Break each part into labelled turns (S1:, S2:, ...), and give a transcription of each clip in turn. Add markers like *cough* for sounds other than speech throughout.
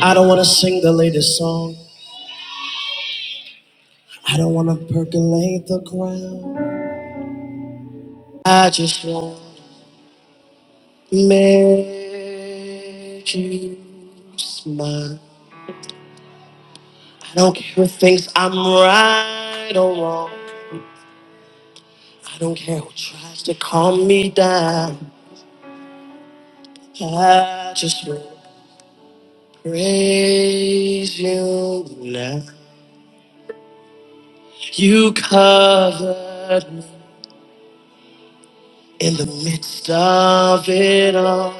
S1: I don't wanna sing the latest song. I don't wanna percolate the ground. I just wanna make you smile. I don't care who thinks I'm right or wrong. I don't care who tries to calm me down. I just wanna praise you now. You covered me in the midst of it all.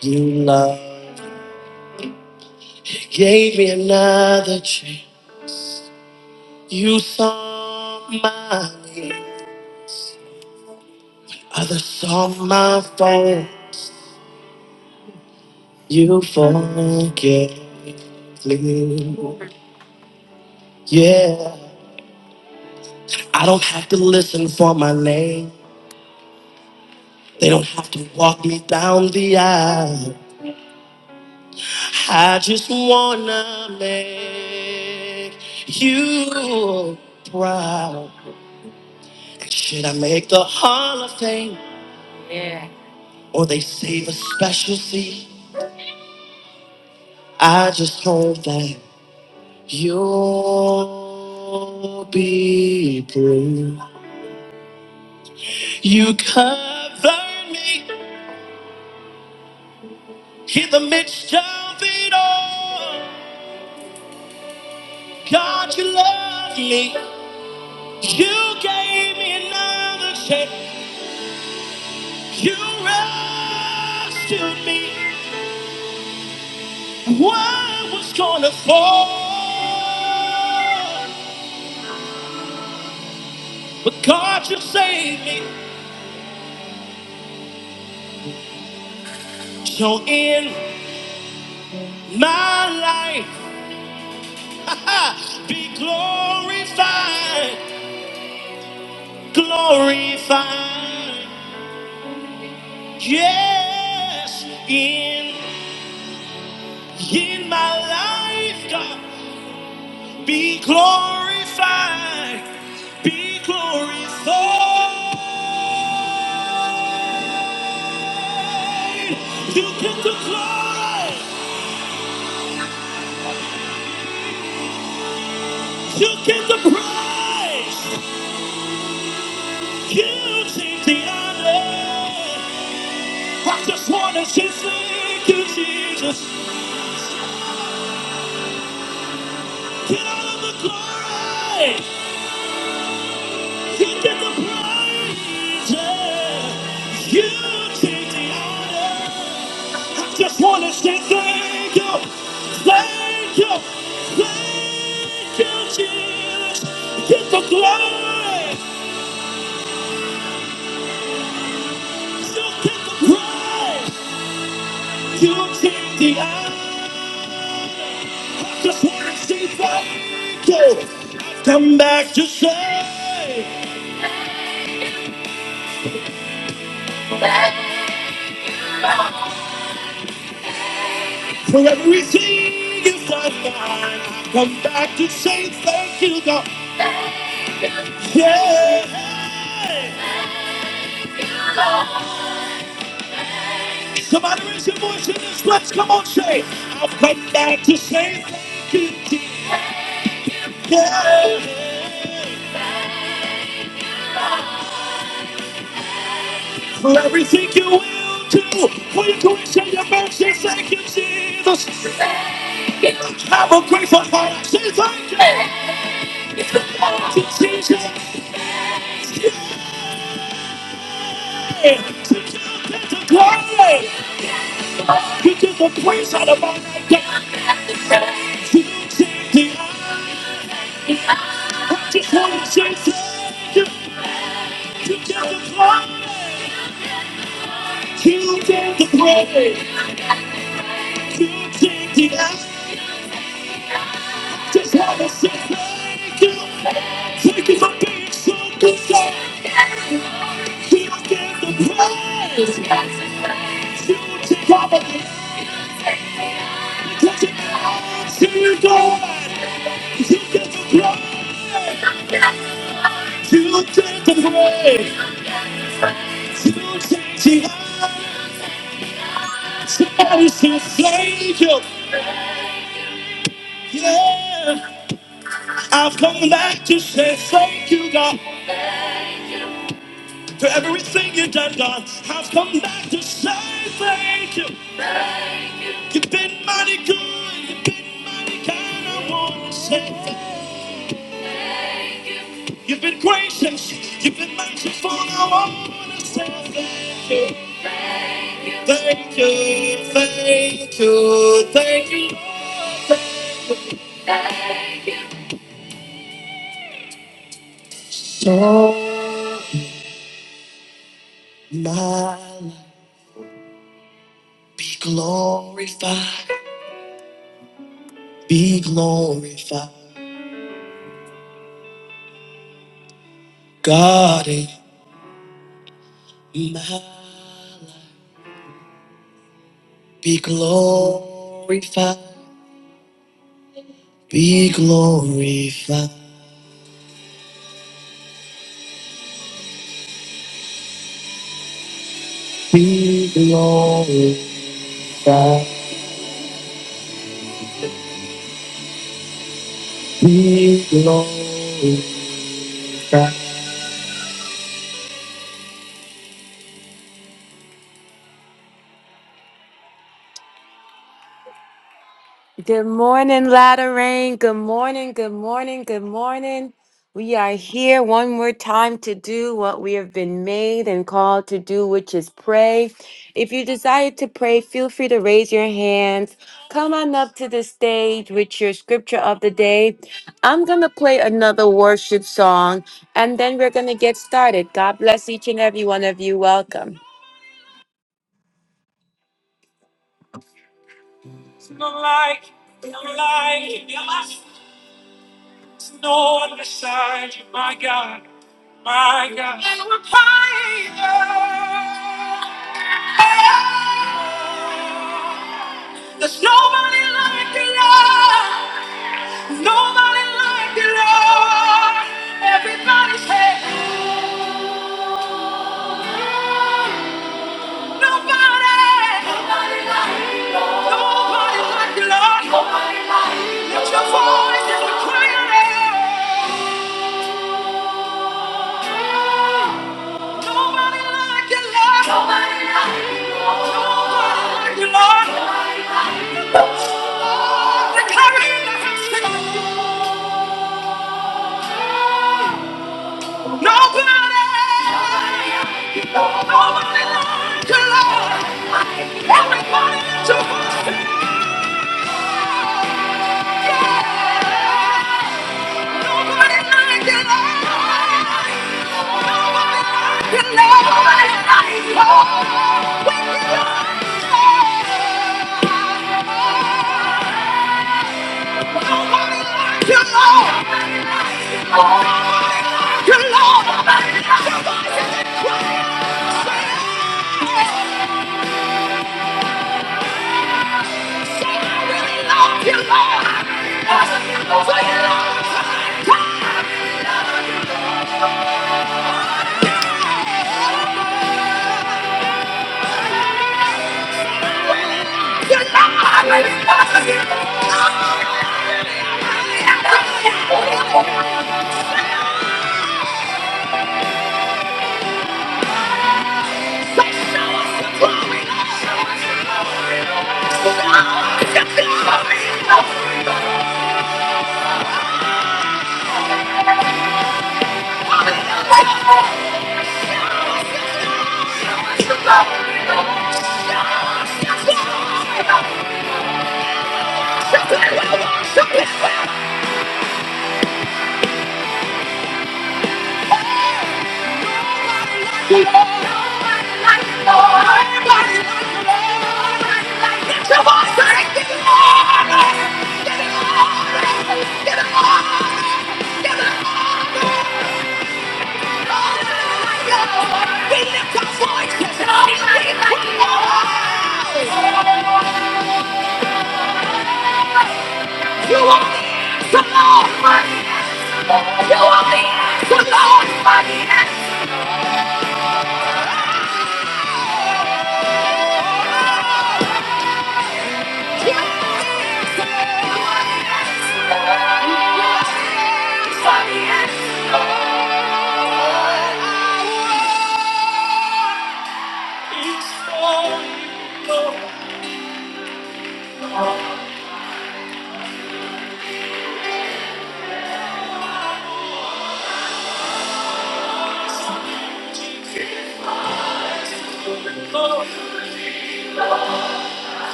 S1: You love. Gave me another chance. You saw my name. Others saw my fall. You forgave me. Yeah. I don't have to listen for my name. They don't have to walk me down the aisle. I just wanna make you proud. Should I make the Hall of Fame? Yeah. Or they save a special seat? I just hope that you'll be through. You cover me in the midst of it all. God, you love me. You gave me another chance. You rescued me. I was gonna fall, but God, you saved me. So in my life. Be glorified, glorified. Yes, in in my life, God, be glorified, be glorified. You get the glory, you get the praise, you take the honor. I just wanna say thank you, Jesus. Get all of the glory! You get the praise! yeah. You take the honor! I just wanna say thank you! Thank you! Thank you, Jesus! Get the glory! You get the praise! You take the honor! I just wanna say thank you! I've come back to say. For everything you've done, I come back to say thank you, God. Yeah. Somebody raise your voice in this place. Come on, say, I've come back to say thank you, Jesus. Yeah. For everything you will do, for your grace and your mercy, thank you, Jesus. Have a grateful heart. Say thank you. Thank you, Jesus. Yeah. To you be the glory. He took the praise out of our God. He makes it the eye. I just want to say thank you. He took the praise. He took the praise. He took the I just want to say thank you. Thank you for being so good. God. He took the praise. You take all the praise. Because it belongs to you, God. He took the praise. You take the praise. You take the praise. Somebody say thank you. Yeah. I've come back to say thank you, God, for everything you done, God. I've come back to say thank you. You've been mighty good. You've been mighty kind. I want to say thank you. You've been gracious. You've been merciful. I want to say thank you. Thank you. Thank you. Thank you. Lord, Thank you. So my life. Be glorified, be glorified, God in my life. Be glorified, be glorified, be glorified, be glorified. Good morning, Latter Rain. Good morning, good morning, good morning. We are here one more time to do what we have been made and called to do, which is pray. If you desire to pray, feel free to raise your hands. Come on up to the stage with your scripture of the day. I'm going to play another worship song and then we're going to get started. God bless each and every one of you. Welcome. There's no one beside you, my God, my God. And we're praying. yeah. There's nobody like you, Lord. Nobody like you, Lord. Everybody say, nobody. Nobody like you, Lord. Nobody like you, Lord. Nobody like you, Lord. Lift your voice and we're crying out. Nobody like you, Lord. Nobody like you, Thank you, Lord. We're carrying the house. Nobody, nobody like you, Lord. Everybody in your house, nobody like you, Lord. Nobody like you, nobody like you, Lord. We give you all the glory. Nobody like you, Lord. Nobody like you, Lord. I I I really really love love love love you, you, you, know I really love you, Lord. So show us the glory, Lord. Lord. just the glory, Lord. Just the glory, Lord. Just the glory, Lord. Nobody like the Lord. Nobody like the Lord. Nobody like the Lord. Get your voice and give it all. Give it all. Give it all. Give it all. Nobody like the Lord. We lift our voices. Nobody like the Lord. You are the answer, Lord, my answer. Lord. You are the answer, Lord, my answer.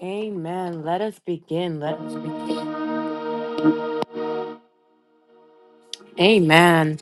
S1: Amen. Let us begin. Let us begin. Amen.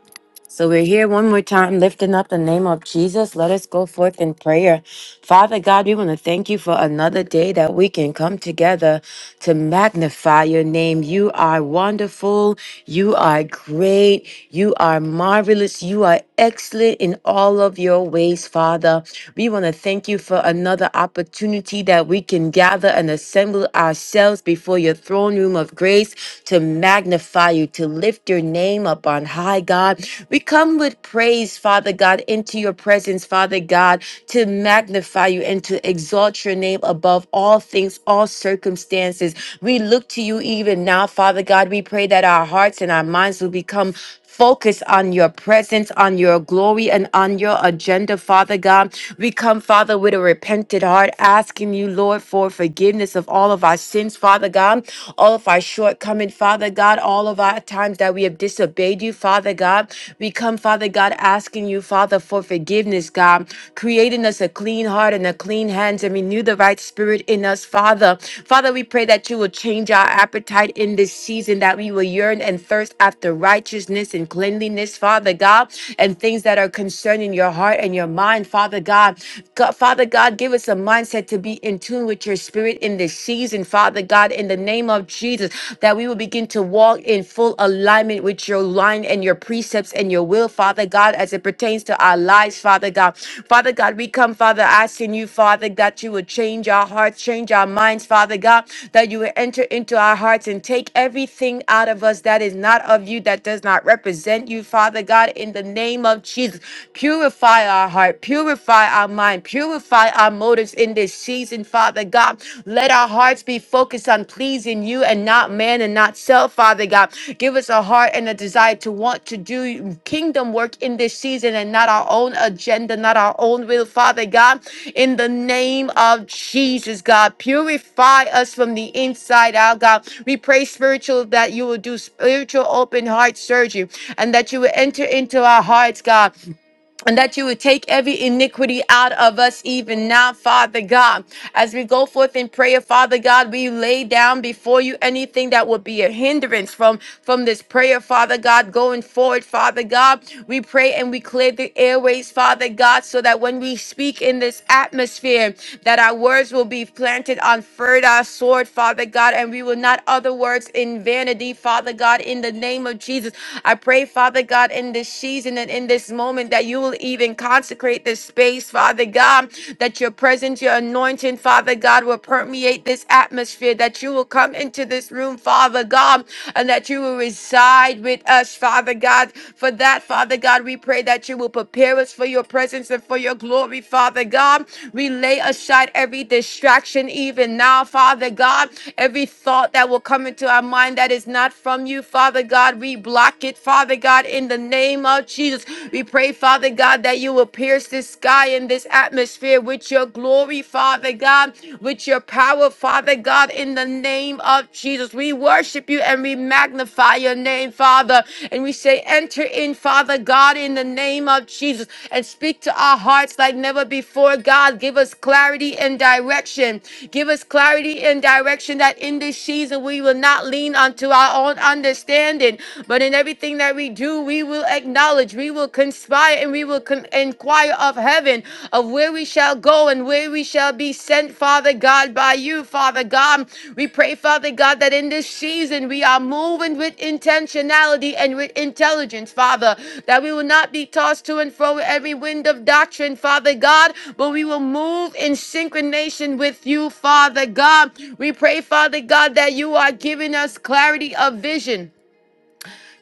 S1: So we're here one more time, lifting up the name of Jesus. Let us go forth in prayer. Father God, we want to thank you for another day that we can come together. to magnify your name. You are wonderful. You are great. You are marvelous. You are excellent in all of your ways, Father. We want to thank you for another opportunity that we can gather and assemble ourselves before your throne room of grace to magnify you, to lift your name up on high, God. We come with praise, Father God, into your presence, Father God, to magnify magnify you and to exalt your name above all things, all circumstances. We look to you even now, Father God. We pray that our hearts and our minds will become focused on your presence, on your glory, and on your agenda, Father God. We come, Father, with a repentant heart, asking you, Lord, for forgiveness of all of our sins, Father God, all of our shortcomings, Father God, all of our times that we have disobeyed you, Father God. We come, Father God, asking you, Father, for forgiveness, God, creating us a clean heart and a clean hands and renew the right spirit in us, Father. Father, we pray that you will change our appetite in this season, that we will yearn and thirst after righteousness and cleanliness, Father God, and things that are concerning your heart and your mind, Father God. God Father God, give us a mindset to be in tune with your spirit in this season, Father God, in the name of Jesus that we will begin to walk in full alignment with your line and your precepts and your will, Father God, as it pertains to our lives, Father God. Father God, we come, Father, asking you, Father, that you would change our hearts, change our minds, Father God, that you would enter into our hearts and take everything out of us that is not of you, that does not represent you, Father God, in the name of Jesus. Purify our heart, purify our mind, purify our motives in this this season, Father God. Let our hearts be focused on pleasing you and not man and not self, Father God. Give us a heart and a desire to want to do kingdom work in this season and not our own agenda, not our own will, Father God. In the name of Jesus, God, purify us from the inside out, God. We pray spiritual that you will do spiritual open heart surgery and that you will enter into our hearts, God and that you would take every iniquity out of us even now, Father God. As we go forth in prayer, Father God, we lay down before you anything that would be a hindrance from, from this prayer, Father God, going forward, Father God. We pray and we clear the airways, Father God, so that when we speak in this atmosphere, that our words will be planted on fertile sword, Father God, and we will not other words in vanity, Father God, in the name of Jesus. I pray, Father God, in this season and in moment, in this moment, that you will even consecrate this space, Father God, that your presence, your anointing, Father God, will permeate this atmosphere, that you will come into this room, Father God, and that you will reside with us, Father God. For that, Father God, we pray that you will prepare us for your presence and for your glory, Father God. We lay aside every distraction, even now, Father God, every thought that will come into our mind that is not from you, Father God. We block it, Father God, in in the name of Jesus. We pray, Father God, that you will pierce this sky and this atmosphere with your glory, Father God, with your power, Father God, in the name of Jesus. We worship you and we magnify your name, Father. And we say, enter in, Father God, in the name of Jesus, and speak to our hearts like never before, God. Give us clarity and direction. Give us clarity and direction that in this season we will not lean unto our own understanding, but in everything that we do, we will acknowledge, we will conspire, and we will con- inquire of heaven, of where we shall go and where we shall be sent, Father God, by you, Father God. We pray, Father God, that in this season we are moving with intentionality and with intelligence, Father, that we will not be tossed to and fro with every wind of doctrine, Father God, but we will move in synchronization with you, Father God. We pray, Father God, that you are giving us clarity of vision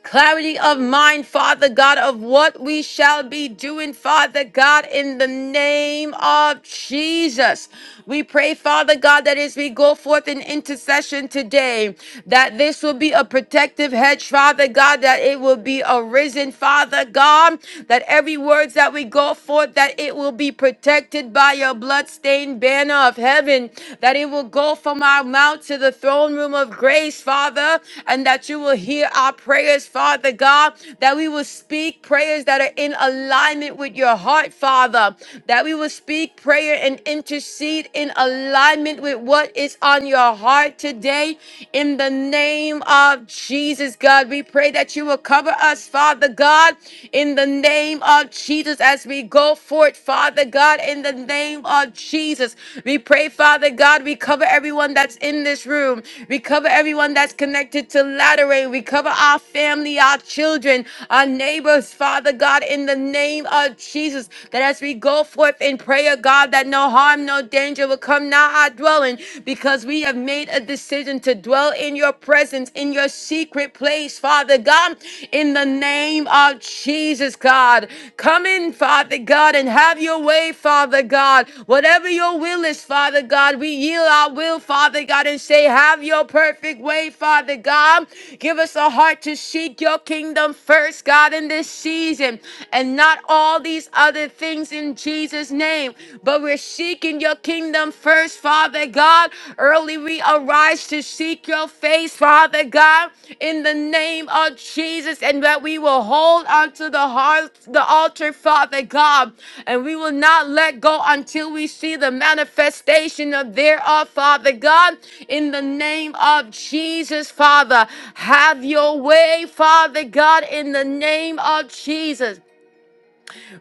S1: clarity of mind, Father God, of what we shall be doing, Father God, in the name of Jesus. We pray, Father God, that as we go forth in intercession today, that this will be a protective hedge, Father God, that it will be arisen, Father God, that every words that we go forth, that it will be protected by your bloodstained banner of heaven, that it will will go from our mouth to the throne room of grace, Father, and that you will hear our prayers, Father God, that we will speak prayers that are in alignment with your heart, Father, that we will speak prayer and intercede in alignment with what is on your heart today. In the name of Jesus, God, we pray that you will cover us, Father God, in the name of Jesus, as as we go forth, Father God, in the name of Jesus. We pray, Father God, we cover everyone that's in this room. We cover everyone that's connected to Lateray. We cover our family, our children, our neighbors, Father God, in the name of Jesus. That as we go forth in prayer, God, that no harm, no danger will come now our dwelling because we have made a decision to dwell in your presence, in your secret secret place, Father God, in the name of Jesus, God. Come in, Father God, and have your way, Father God. Whatever your will is, Father God, we yield our will, Father God, and say, Have your perfect way, Father God. Give us a heart to seek your kingdom first, God, in this season, and not all these other things in Jesus' name, but we're seeking your kingdom first, Father God. Early we arise to seek your face, Father God, in the name of Jesus, and that we will hold onto the heart, the altar, Father God, and we will not let go until we see the manifestation of thereof, Father God, in the name of Jesus, Father. Have your way, Father God, in the name of Jesus.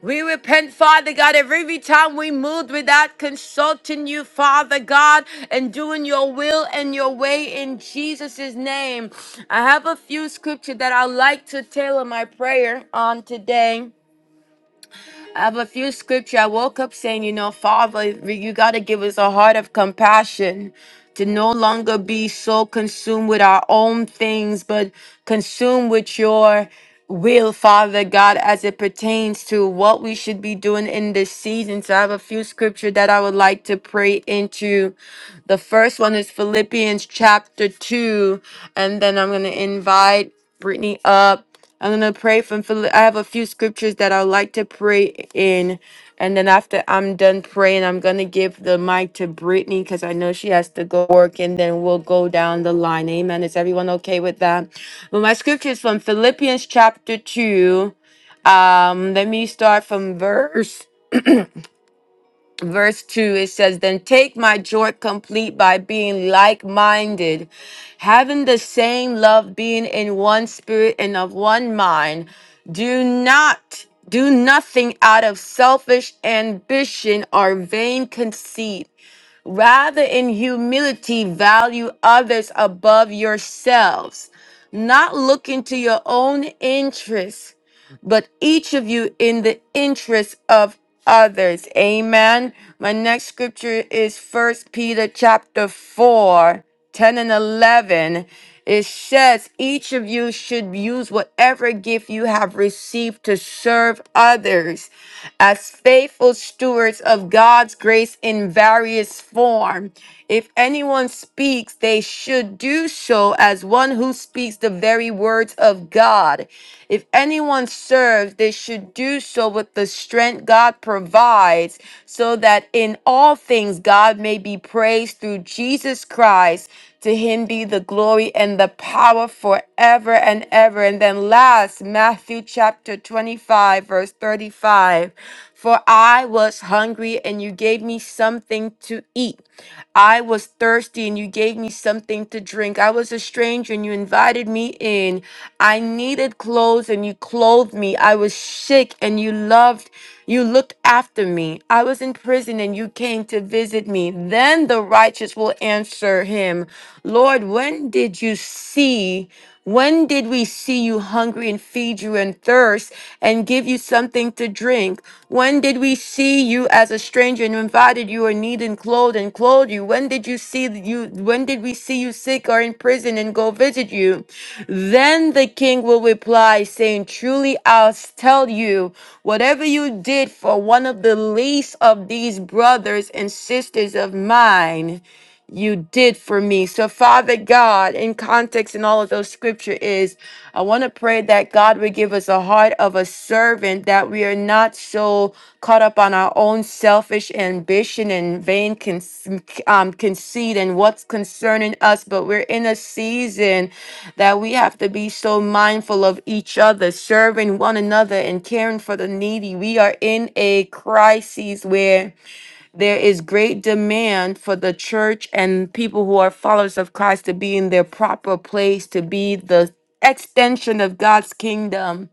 S1: We repent, Father God, every time we moved without consulting you, Father God, and doing your will and your way in Jesus' name. I have a few scripture that I like to tailor my prayer on today. I have a few scripture. I woke up saying, you know, Father, you got to give us a heart of compassion to no longer be so consumed with our own things, but consumed with your will, Father God, as it pertains to what we should be doing in this season. So I have a few scripture that I would like to pray into. The first one is Philippians chapter 2. And then I'm going to invite Brittany up. I'm going to pray from Phil- I have a few scriptures that I would like to pray in. And then after I'm done praying, I'm going to give the mic to Brittany because I know she has to go work and then we'll go down the line. Amen. Is everyone okay with that? Well, my scripture is from Philippians chapter 2. Um, let me start from verse verse 2, it says, Then take my joy complete by being like minded, having the same love, being in one spirit and of one mind. Do not do nothing out of selfish ambition or vain conceit Rather, in humility, value others above yourselves, not looking to your own interests, but each of you in the interest of others. Amen. My next scripture is First Peter chapter four, ten and 11. It says each of you should use whatever gift you have received to serve others as faithful stewards of God's grace in various form. If anyone speaks, they should do so as one who speaks the very words of God. If anyone serves, they should do so with the strength God provides, so that in all things God may be praised through Jesus Christ. To him be the glory and the power forever and ever. And then last, Matthew chapter 25, verse 35. For I was hungry and you gave me something to eat. I was thirsty and you gave me something to drink. I was a stranger and you invited me in. I needed clothes and you clothed me. I was sick and you loved, you looked after me. I was in prison and you came to visit me. Then the righteous will answer him, Lord, when did you see? When did we see you hungry and feed you and thirst and give you something to drink? When did we see you as a stranger and invited you or need and clothed and clothed you? When did you see th- you when did we see you sick or in prison and go visit you? Then the king will reply, saying, Truly I'll tell you, whatever you did for one of the least of these brothers and sisters of mine you did for me. So, Father God, in context in all of those scripture is I want to pray that God would give us a heart of a servant, that we are not so caught up on our own selfish ambition and vain con- um, conceit and what's concerning us, but we're in a season that we have to be so mindful of each other, serving one another and caring for the needy. We are in a crisis where there is great demand for the church and people who are followers of Christ to be in their proper place, to be the extension of God's kingdom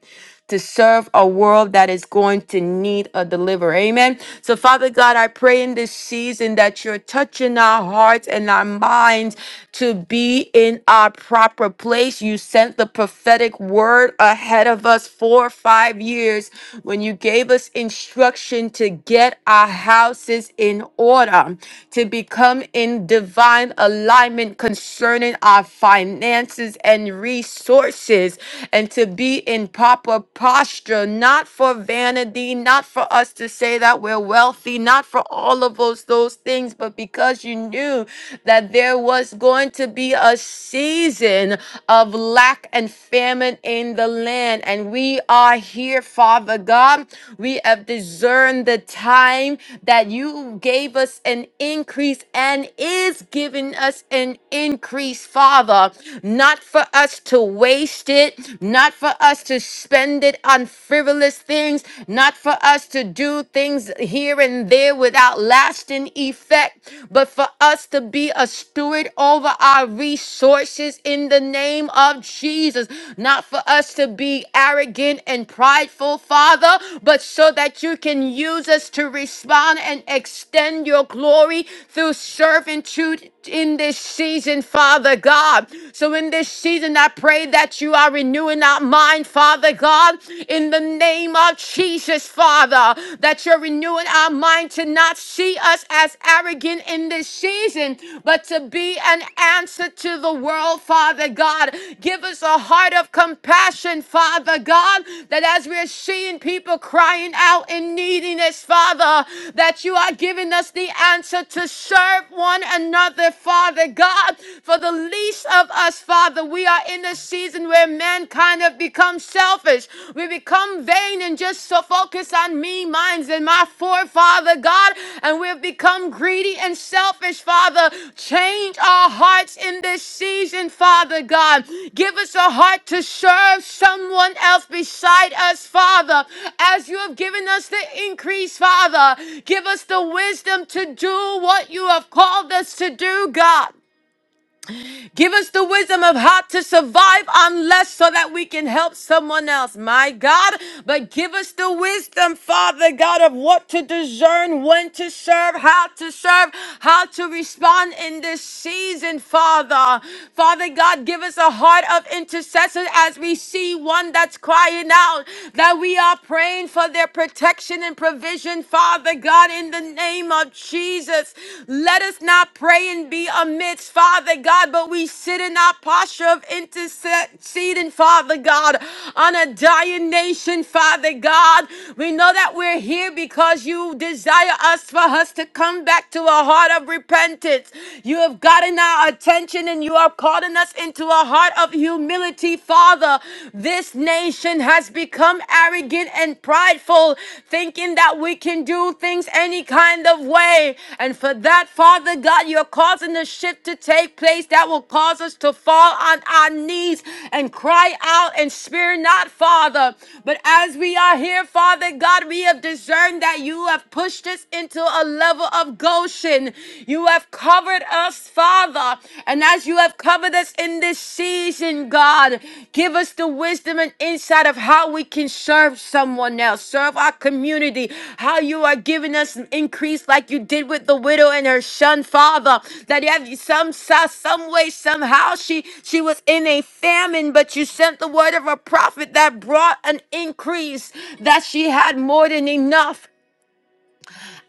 S1: to serve a world that is going to need a deliverer. Amen. So, Father God, I pray in this season that you're touching our hearts and our minds to be in our proper place. You sent the prophetic word ahead of us four or five years when you gave us instruction to get our houses in order, to become in divine alignment concerning our finances and resources, and to be in proper posture, not for vanity, not for us to say that we're wealthy, not for all of those, those things, but because you knew that there was going to be a season of lack and famine in the land. And we are here, Father God. We have discerned the time that you gave us an increase and is giving us an increase, Father, not for us to wait waste it, not for us to spend it on frivolous things, not for us to do things here and there without lasting effect, but for us to be a steward over our resources in the name of Jesus, not for us to be arrogant and prideful, Father, but so that you can use us to respond and extend your glory through servitude in this season, Father God. So in this this season, I pray that you are renewing our mind, Father God, in the name of Jesus, Father, that you're renewing our mind to not see us as arrogant in this season, but to be an answer to the world, Father God. Give us a heart of compassion, Father God, that as we're seeing people crying out in neediness, Father, that you are giving us the answer to serve one another, Father God, for the release of us, Father. We are in a season where mankind have become selfish. We become vain and just so focused on me, mines, and my forefather, God. And we have become greedy and selfish, Father. Change our hearts in this season, Father God. Give us a heart to serve someone else beside us, Father. As you have given us the increase, Father, give us the wisdom to do what you have called us to do, God. Give us the wisdom of how to survive unless so that we can help someone else, my God. But give us the wisdom, Father God, of what to discern, when to serve, how to serve, how to respond in this season, Father. Father God, give us a heart of intercessor as we see one that's crying out that we are praying for their protection and provision, Father God. In in the name of Jesus. Let us not pray and be amidst, Father God, but we sit in our posture of interceding, Father God, on a dying nation, Father God. We know that we're here because you desire us for us to come back to a heart of repentance. You have gotten our attention and you are calling us into a heart of humility, Father. This nation nation has become arrogant and prideful, thinking that we can do things any kind of way. And for that, Father God, you're causing a shift to take place that will cause us to fall on our knees and cry out and spare not, Father. But as we are here, Father God, we have discerned that you have pushed us into a level of Goshen. You have covered us, Father. Father. And as you have covered us in this season, God, give us the wisdom and insight of how we can serve someone else, serve our community, how you are giving us an increase like you did with the widow and her son, Father. That have some so, some way, somehow she she was in a famine, but you sent the word of a prophet that brought an increase, that she had more than enough.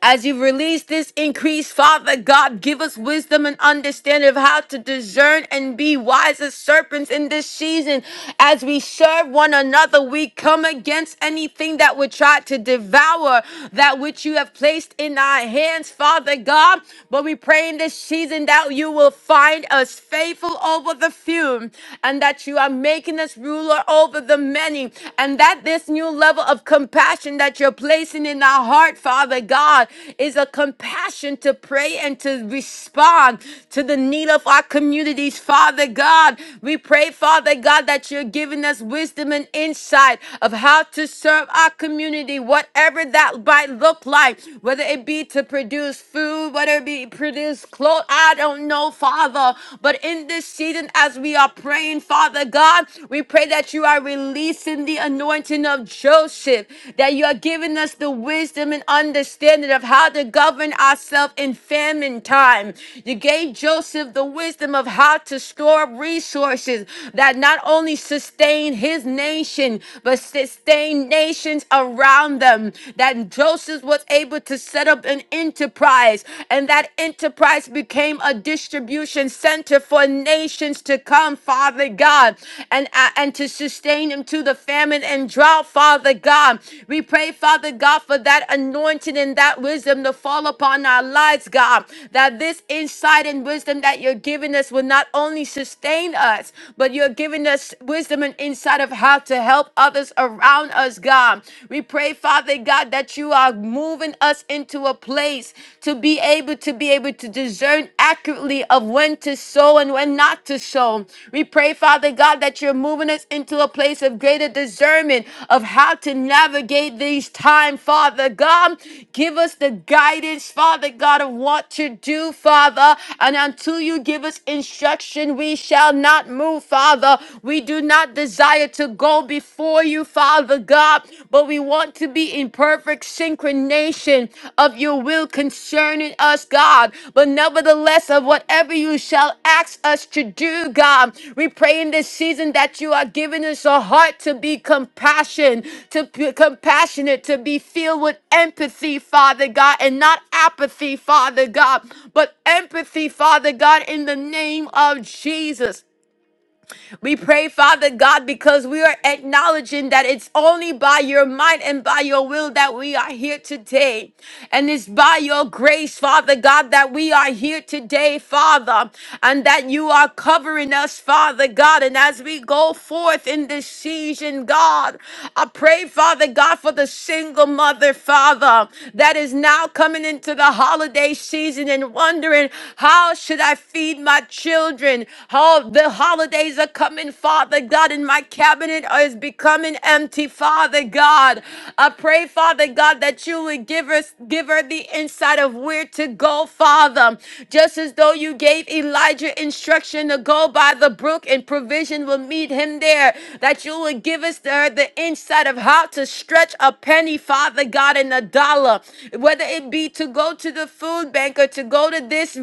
S1: As you release this increase, Father God, give us wisdom and understanding of how to discern and be wise as serpents in this season. As we serve one another, we come against anything that would try to devour that which you have placed in our hands, Father God. But we pray in this season that you will find us faithful over the few and that you are making us ruler over the many and that this new new level of compassion that you're placing in our heart, Father God, is a compassion to pray and to respond to the need of our communities, Father God. We pray, Father God, that you're giving us wisdom and insight of how to serve our community, whatever that might look like, whether it be to produce food, whether it be produce clothes. I don't know, Father, but in this season, as we are praying, morning, Father God. We pray that you are releasing the anointing of Joseph, that you are giving us the wisdom and understanding of how to govern ourselves in famine time. You gave Joseph the wisdom of how to store up resources that not only sustain his nation, but sustain nations around them. That Joseph was able to set up an enterprise, and that enterprise became became a distribution center for nations to come, Father God, and, uh, and to sustain them to the famine and drought, Father God. We pray, Father God, for that anointing and that wisdom to fall upon our lives, God, that this insight and wisdom that you're giving us will not only sustain us, but you're giving us wisdom and insight of how to help others around us, God. We pray, Father God, that you are moving moving us into a place to be able to be able to discern accurately of when to sow and when not to sow. We pray, Father God, that you're moving us into a place of greater discernment of how to navigate these times, Father God. Give us the guidance, Father God, of what to do, Father. And until you give us instruction, we shall not move, Father. We do not desire to go before you before you, Father God, but we want to be in perfect synchronization of your will concerning us, God. But nevertheless, of whatever you shall ask us to do, God, we pray in this season that you are giving us a heart to be compassion, to be compassionate, to be filled with empathy, Father God, and not apathy, Father God, but empathy, Father God, in the name of Jesus. We pray, Father God, because we are acknowledging that it's only by your might and by your will that we are here today. And it's by your grace, Father God, that we are here today, Father, and that you are covering us, Father God. And as we go forth in this season, God, I pray, Father God, for the single mother, Father, that is now coming into the holiday season and wondering how should I feed my children? How the holidays are coming, Father God, and my cabinet is becoming empty, Father God. I pray, Father God, that you would give us give her the insight of where to go, Father. Just as though you gave Elijah instruction to go by the brook and provision will meet him there, that you would give us the, the insight of how to stretch a penny, Father God, in a dollar, whether it be to go to the food bank or to go to this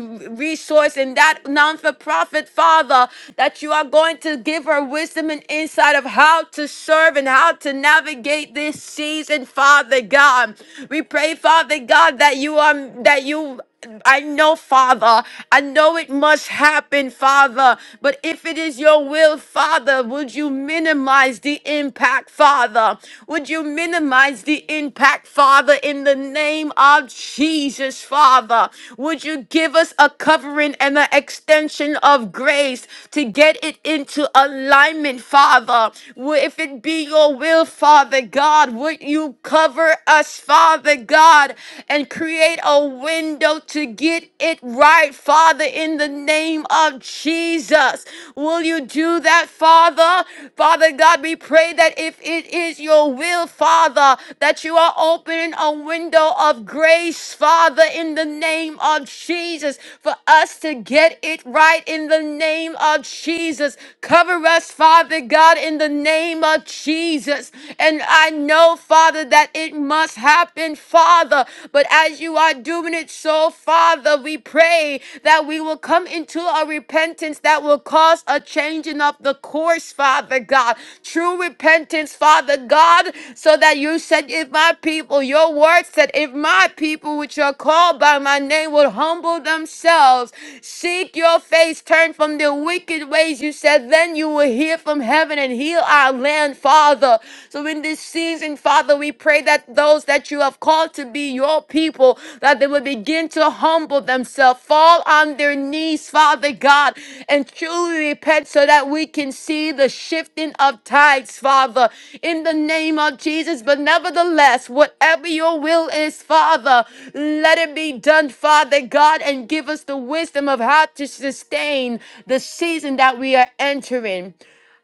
S1: resource and that non for profit, Father, that you are going to give her wisdom and insight of how to serve and how to navigate this season, Father God. We pray, Father God, that you are that you I know, Father, I know it must happen, Father, but if it is your will, Father, would you minimize the impact, Father? Would you minimize the impact, Father, in the name of Jesus, Father? Would you give us a covering and an extension of grace to get it into alignment, Father? Would- If it be your will, Father God, would you cover us, Father God? God, and create a window to get it right, Father, in the name of Jesus. Will you do that, Father? Father God, we pray that if it is your will, Father, that you are opening a window of grace, Father, in the name of Jesus, for us to get it right in the name of Jesus. Cover us, Father God, in the name of Jesus. And I know, Father. Father, that it must happen, Father. But as you are doing it so, Father, we pray that we will come into a repentance that will cause a changing of the course, Father God. True repentance, Father God, so that you said, if my people, your word said, if my people which are called by my name would humble themselves, seek your face, turn from their wicked ways, you said, then you will hear from heaven and heal our land, Father." Father. So in this season, Father, we pray that those that you have called to be your people, that they will begin to humble themselves, fall on their knees, Father God, and truly repent so that we can see the shifting of tides, Father, in the name of Jesus. But nevertheless, whatever your will is, Father, let it be done, Father God, and give us the wisdom of how to sustain the season that we are entering.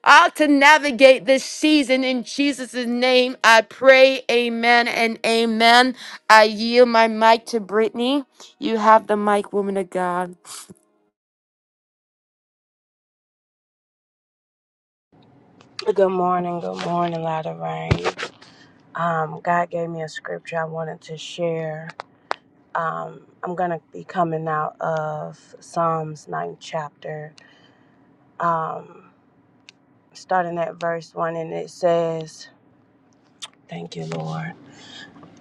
S1: How to navigate this season in Jesus' name. I pray, amen and amen. I yield my mic to Brittany. You have the mic, woman of God.
S2: Good morning, good morning, Lot of Rain. Um, God gave me a scripture I wanted to share. Um, I'm gonna be coming out of Psalms 9th chapter, um, starting at verse 1, and it says, Thank you, Lord.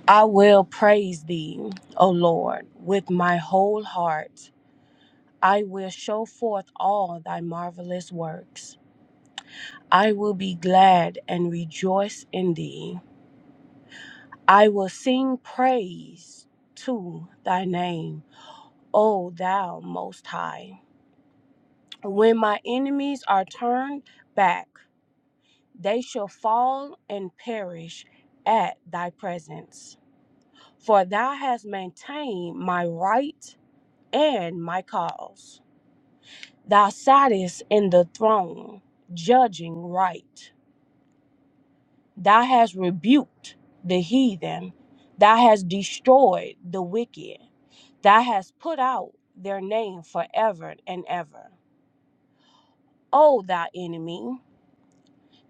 S2: I will praise thee, O Lord, with my whole heart. I will show forth all thy marvelous works. I will be glad and rejoice in thee. I will sing praise to thy name, O thou most high. When my enemies are turned back, they shall fall and perish at thy presence. For thou hast maintained my right and my cause. Thou sattest in the throne, judging right. Thou hast rebuked the heathen. Thou hast destroyed the wicked. Thou hast put out their name forever and ever. O thy enemy,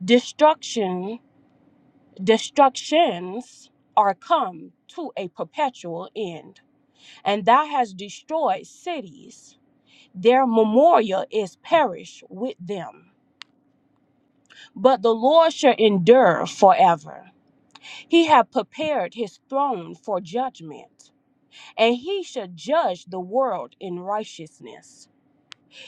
S2: destruction, destructions are come to a perpetual end, and thou hast destroyed cities. Their memorial is perished with them. But the Lord shall endure forever. He hath prepared his throne for judgment and he shall judge the world in righteousness.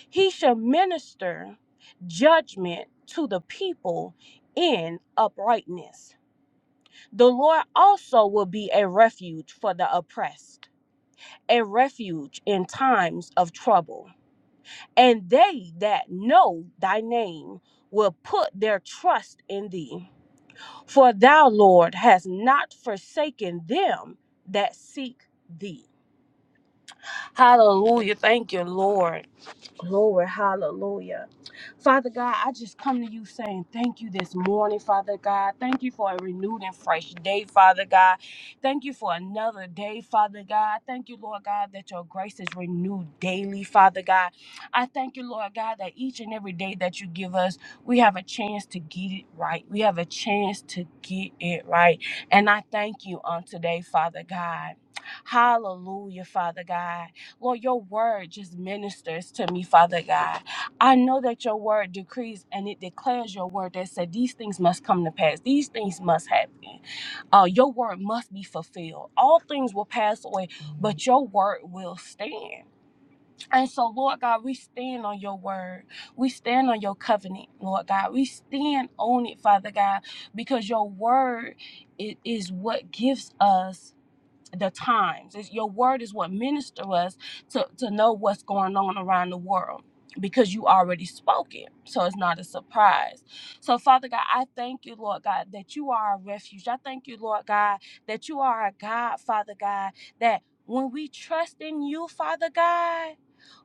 S2: He shall minister judgment to the people in uprightness. The Lord also will be a refuge for the oppressed, a refuge in times of trouble. And they that know thy name will put their trust in thee. For thou, Lord, hast not forsaken them that seek thee. Hallelujah. Thank you, Lord. Glory, hallelujah. Father God, I just come to you saying thank you this morning, Father God. Thank you for a renewed and fresh day, Father God. Thank you for another day, Father God. Thank you, Lord God, that your grace is renewed daily, Father God. I thank you, Lord God, that each and every day that you give us, we have a chance to get it right. We have a chance to get it right. And I thank you on today, Father God. Hallelujah, Father God. Lord, your word just ministers to me, Father God. I know that your word decrees and it declares your word that said these things must come to pass. These things must happen. Uh, your word must be fulfilled. All things will pass away, but your word will stand. And so, Lord God, we stand on your word. We stand on your covenant, Lord God. We stand on it, Father God, because your word it is what gives us the times. It's, your word is what minister us to, to know what's going on around the world because you already spoke it. So it's not a surprise. So, Father God, I thank you, Lord God, that you are a refuge. I thank you, Lord God, that you are a God, Father God, that when we trust in you, Father God,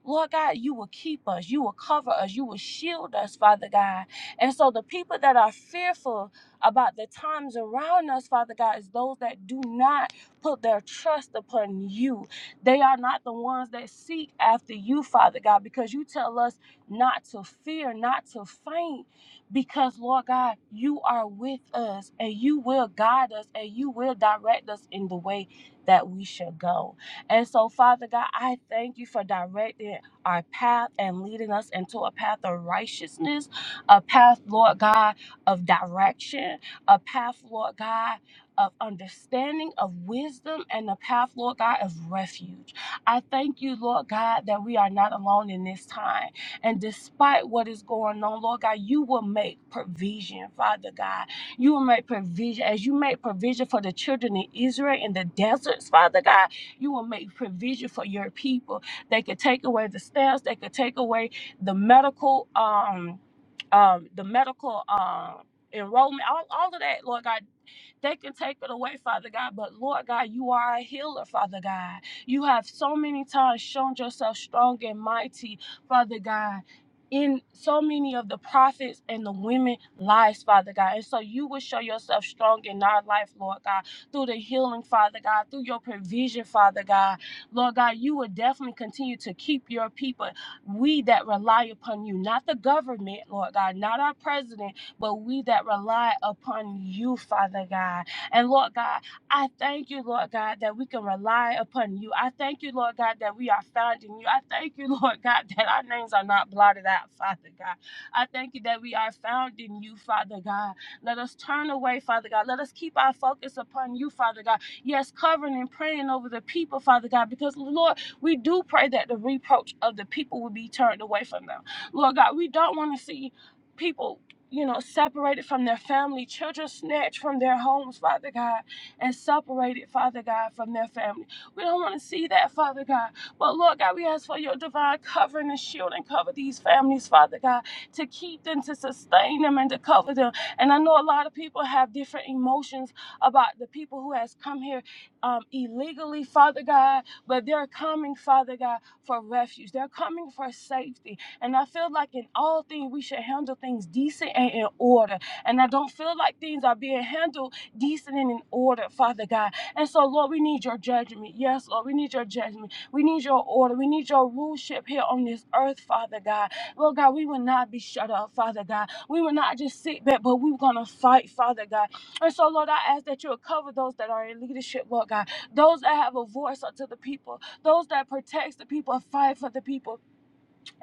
S2: Lord God, you will keep us. You will cover us. You will shield us, Father God. And so the people that are fearful about the times around us, Father God, is those that do not put their trust upon you. They are not the ones that seek after you, Father God, because you tell us not to fear, not to faint, because, Lord God, you are with us and you will guide us and you will direct us in the way that we should go. And so, Father God, I thank you for directing our path and leading us into a path of righteousness, a path, Lord God, of direction, a path, Lord God of understanding, of wisdom, and the path, Lord God, of refuge. I thank you, Lord God, that we are not alone in this time. And despite what is going on, Lord God, you will make provision, Father God. You will make provision. As you make provision for the children in Israel in the deserts, Father God, you will make provision for your people. They could take away the stamps. they could take away the medical, um, um, the medical, um, enrollment, all, all of that, Lord God they can take it away, Father God, but Lord God, you are a healer, Father God. You have so many times shown yourself strong and mighty, Father God. In so many of the prophets and the women lives, Father God. And so you will show yourself strong in our life, Lord God, through the healing, Father God, through your provision, Father God. Lord God, you will definitely continue to keep your people, we that rely upon you, not the government, Lord God, not our president but we that rely upon you, Father God. And Lord God, I thank you, Lord God, that we can rely upon you. I thank you, Lord God, that we are found in you. I thank you, *laughs* Lord God, that our names are not blotted out, Father God. I thank you that we are found in you, Father God. Let us turn away, Father God. Let us keep our focus upon you, Father God. Yes, covering and praying over the people, Father God, because Lord, we do pray that the reproach of the people will be turned away from them. Lord God, we don't want to see people you know, separated from their family, children snatched from their homes, Father God, and separated, Father God, from their family. We don't want to see that, Father God. But Lord God, we ask for your divine covering and shield and cover these families, Father God, to keep them, to sustain them, and to cover them. And I know a lot of people have different emotions about the people who has come here um, illegally, Father God, but they're coming, Father God, for refuge. They're coming for safety. And I feel like in all things, we should handle things decent and in order. And I don't feel like things are being handled decent and in order, Father God. And so, Lord, we need your judgment. Yes, Lord, we need your judgment. We need your order. We need your ruleship here on this earth, Father God. Lord God, we will not be shut up, Father God. We will not just sit back, but we're going to fight, Father God. And so, Lord, I ask that you will cover those that are in leadership, Lord God. Those that have a voice unto the people. Those that protects the people and fight for the people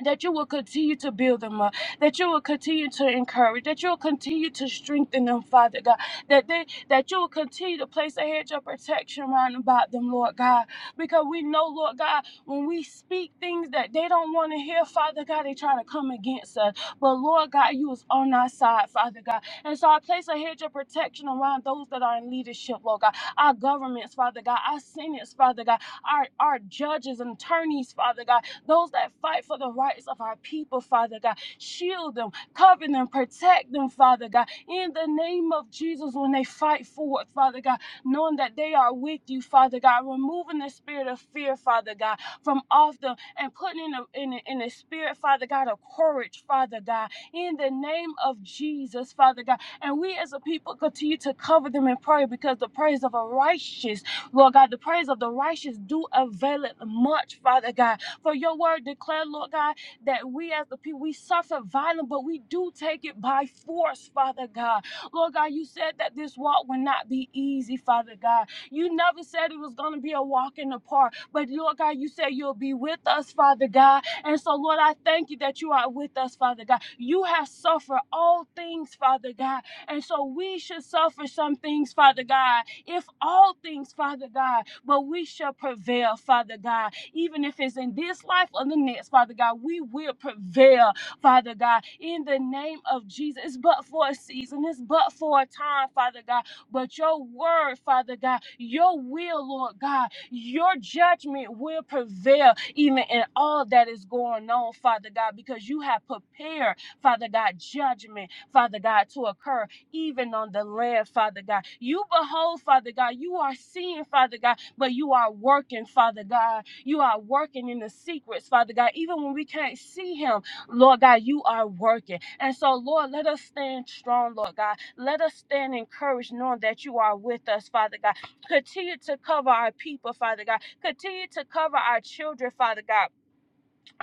S2: that you will continue to build them up, that you will continue to encourage, that you will continue to strengthen them, Father God, that they that you will continue to place a hedge of protection around about them, Lord God. Because we know, Lord God, when we speak things that they don't want to hear, Father God, they try to come against us. But Lord God, you is on our side, Father God. And so I place a hedge of protection around those that are in leadership, Lord God, our governments, Father God, our senates, Father God, our, our judges and attorneys, Father God. Those that fight for the rights of our people, Father God, shield them, cover them, protect them, Father God, in the name of Jesus when they fight for it, Father God, knowing that they are with you, Father God, removing the spirit of fear, Father God, from off them and putting in a, in a, in a spirit, Father God, of courage, Father God, in the name of Jesus, Father God. And we as a people continue to cover them in prayer because the praise of a righteous, Lord God, the praise of the righteous do avail it much, Father God. For your word declare, Lord God, that we as the people, we suffer violence, but we do take it by force, Father God. Lord God, you said that this walk would not be easy, Father God. You never said it was going to be a walk in the park, but Lord God, you said you'll be with us, Father God. And so, Lord, I thank you that you are with us, Father God. You have suffered all things, Father God. And so we should suffer some things, Father God, if all things, Father God, but we shall prevail, Father God even if it's in this life or the next, Father God, we will prevail, Father God, in the name of Jesus. It's but for a season, it's but for a time, Father God. But your word, Father God, your will, Lord God, your judgment will prevail even in all that is going on, Father God, because you have prepared, Father God, judgment, Father God, to occur even on the land, Father God. You behold, Father God, you are seeing, Father God, but you are working, Father God. You are working in the secrets, Father God. Even when we can't see Him, Lord God, you are working. And so, Lord, let us stand strong, Lord God. Let us stand encouraged, knowing that you are with us, Father God. Continue to cover our people, Father God. Continue to cover our children, Father God.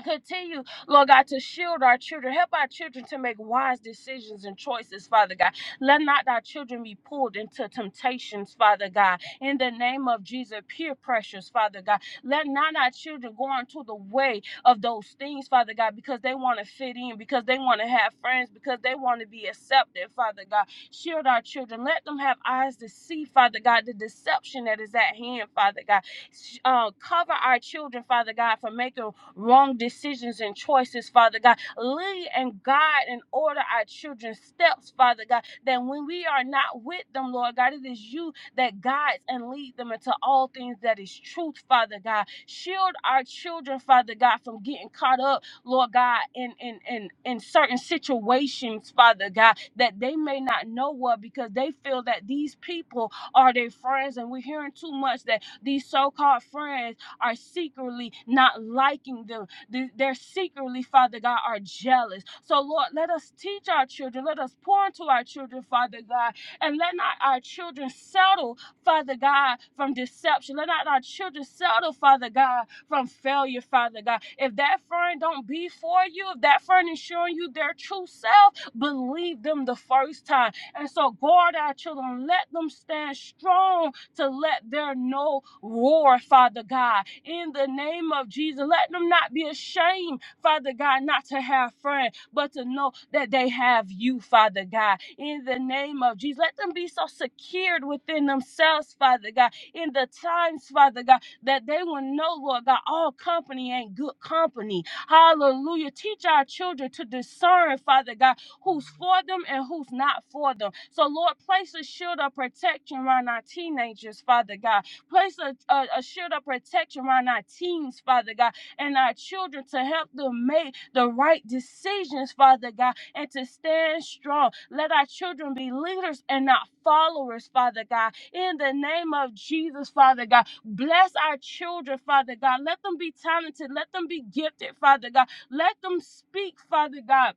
S2: Continue, Lord God, to shield our children. Help our children to make wise decisions and choices, Father God. Let not our children be pulled into temptations, Father God. In the name of Jesus, peer pressures, Father God. Let not our children go into the way of those things, Father God, because they want to fit in, because they want to have friends, because they want to be accepted, Father God. Shield our children. Let them have eyes to see, Father God, the deception that is at hand, Father God. Sh- Uh, cover our children, Father God, from making wrong decisions and choices, Father God. Lead and guide and order our children's steps, Father God, that when we are not with them, Lord God, it is you that guides and leads them into all things that is truth, Father God. Shield our children, Father God, from getting caught up, Lord God, in, in, in, in certain situations, Father God, that they may not know of because they feel that these people are their friends. And we're hearing too much that these so called friends are secretly not liking them. Th- They're secretly, Father God, are jealous. So, Lord, let us teach our children. Let us pour into our children, Father God, and let not our children settle, Father God, from deception. Let not our children settle, Father God, from failure, Father God. If that friend don't be for you, if that friend is showing you their true self, believe them the first time. And so guard our children. Let them stand strong to let their no roar, Father God in the name of Jesus. Let them not be ashamed, Father God, not to have friends, but to know that they have you, Father God, in the name of Jesus. Let them be so secured within themselves, Father God, in the times, Father God, that they will know, Lord God, all company ain't good company. Hallelujah. Teach our children to discern, Father God, who's for them and who's not for them. So, Lord, place a shield of protection around our teenagers, Father God. Place a, a, a shield of protection around our teens, Father God, and our children to help them make the right decisions, Father God, and to stand strong. Let our children be leaders and not followers, Father God. In the name of Jesus, Father God, bless our children, Father God. Let them be talented. Let them be gifted, Father God. Let them speak, Father God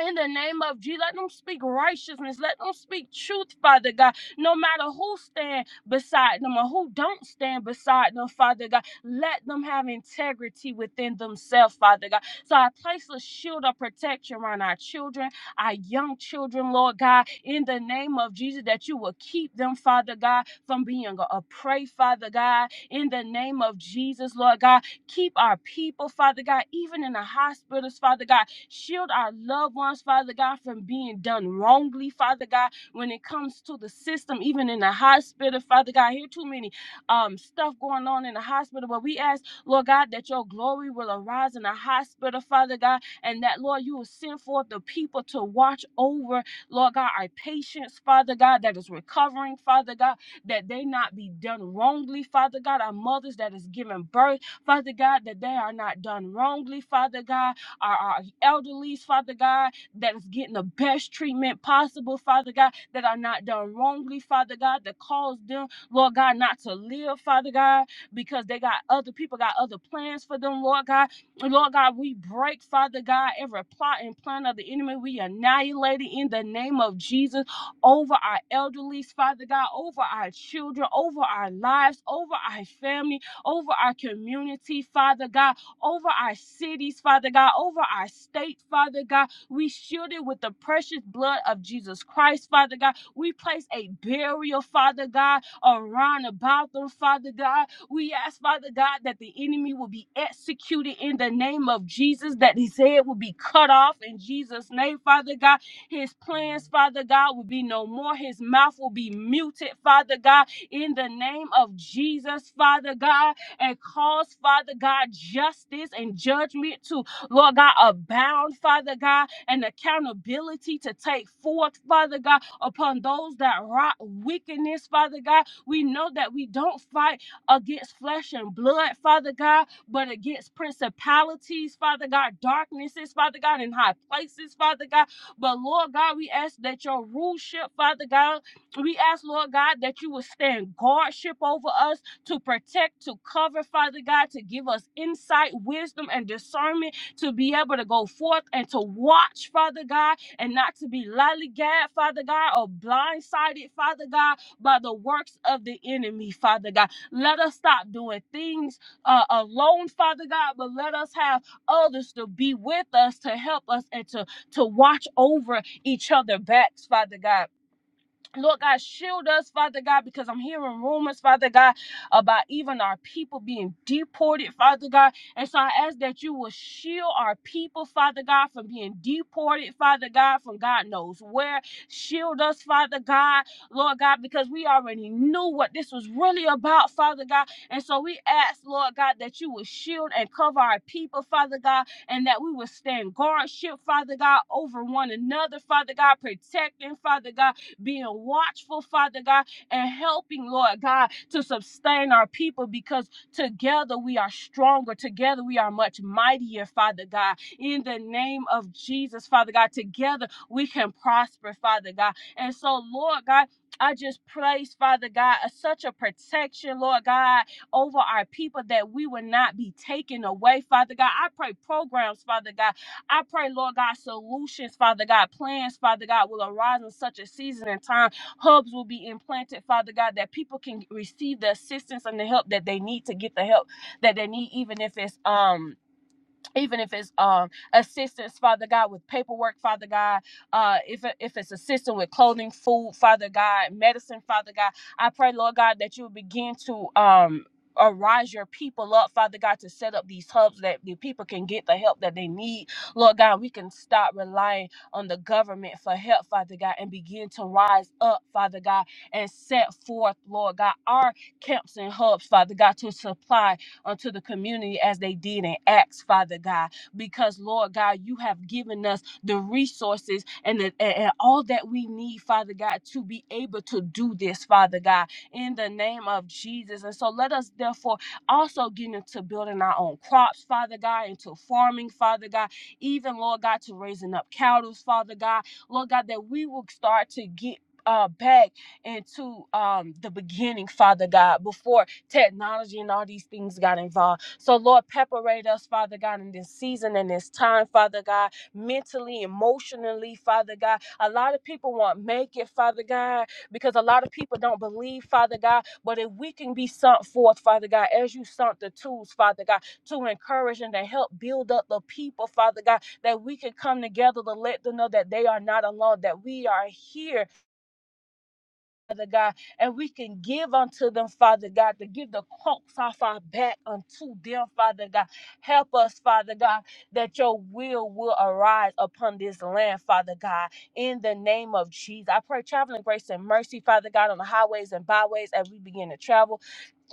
S2: in the name of Jesus, let them speak righteousness. Let them speak truth, Father God. No matter who stand beside them or who don't stand beside them, Father God, let them have integrity within themselves, Father God. So I place a shield of protection around our children, our young children, Lord God, in the name of Jesus, that you will keep them, Father God, from being a prey, Father God, in the name of Jesus, Lord God. Keep our people, Father God, even in the hospitals, Father God Shield our loved ones, Father God, from being done wrongly, Father God, when it comes to the system, even in the hospital, Father God. Here too many um stuff going on in the hospital. But we ask, Lord God, that your glory will arise in the hospital, Father God, and that Lord, you will send forth the people to watch over, Lord God, our patients, Father God, that is recovering, Father God, that they not be done wrongly, Father God, our mothers that is giving birth, Father God, that they are not done wrongly, Father God our, our elderlies, Father God, that is getting the best treatment possible, Father God, that are not done wrongly, Father God, that caused them, Lord God, not to live, Father God, because they got other people, got other plans for them, Lord God. Lord God, we break, Father God, every plot and plan of the enemy. We annihilate it in the name of Jesus over our elderlies, Father God, over our children, over our lives, over our family, over our community, Father God over our cities, Father God, over our state, Father God. We shield it with the precious blood of Jesus Christ, Father God. We place a burial, Father God, around about them, Father God. We ask, Father God, that the enemy will be executed in the name of Jesus, that his head will be cut off in Jesus' name, Father God. His plans, Father God, will be no more. His mouth will be muted, Father God, in the name of Jesus, Father God and cause, Father God, justice and judgment to, Lord God, abound, Father God, and accountability to take forth, Father God, upon those that rock wickedness, Father God. We know that we don't fight against flesh and blood, Father God, but against principalities, Father God, darknesses, Father God, in high places, Father God. But Lord God, we ask that your ruleship, Father God, we ask, Lord God, that you will stand guardship over us, to protect, to cover, Father God, to give us insight, wisdom, and discernment to be able to go forth and to watch, Father God, and not to be lollygagged, Father God, or blindsided, Father God, by the works of the enemy, Father God. Let us stop doing things uh, alone, Father God, but let us have others to be with us, to help us, and to, to watch over each other backs, Father God. Lord God, shield us, Father God, because I'm hearing rumors, Father God, about even our people being deported, Father God. And so I ask that you will shield our people, Father God, from being deported, Father God, from God knows where. Shield us, Father God, Lord God, because we already knew what this was really about, Father God. And so we ask, Lord God, that you will shield and cover our people, Father God, and that we will stand guardship, Father God, over one another, Father God, protecting, Father God being watchful, Father God, and helping, Lord God, to sustain our people because together we are stronger. Together we are much mightier, Father God. In the name of Jesus, Father God, together we can prosper, Father God. And so, Lord God, I just place, Father God, a, such a protection, Lord God, over our people that we will not be taken away, Father God. I pray programs, Father God, I pray, Lord God, solutions, Father God, plans, Father God, will arise in such a season and time. Hubs will be implanted, Father God, that people can receive the assistance and the help that they need to get the help that they need, even if it's um even if it's um assistance, Father God, with paperwork, Father God, uh, if if it's assistance with clothing, food, Father God, medicine, Father God, I pray, Lord God, that you begin to um arise your people up, Father God, to set up these hubs that the people can get the help that they need. Lord God, we can stop relying on the government for help, Father God, and begin to rise up, Father God, and set forth, Lord God, our camps and hubs, Father God, to supply unto the community as they did in Acts, Father God, because Lord God, you have given us the resources and, the, and and all that we need, Father God, to be able to do this, Father God, in the name of Jesus. And so let us therefore also get into building our own crops, Father God, into farming, Father God, even Lord God, to raising up cattle, Father God, Lord God, that we will start to get uh back into um the beginning father god before technology and all these things got involved. So, Lord, preparate us, Father God, in this season and this time, Father God, mentally, emotionally, Father God. A lot of people won't make it, Father God, because a lot of people don't believe, Father God. But if we can be sent forth, Father God, as you sent the tools, Father God, to encourage and to help build up the people, Father God, that we can come together to let them know that they are not alone, that we are here Father God, and we can give unto them, Father God, to give the cloaks off our back unto them, Father God. Help us, Father God, that your will will arise upon this land, Father God, in the name of Jesus. I pray traveling grace and mercy, Father God, on the highways and byways as we begin to travel.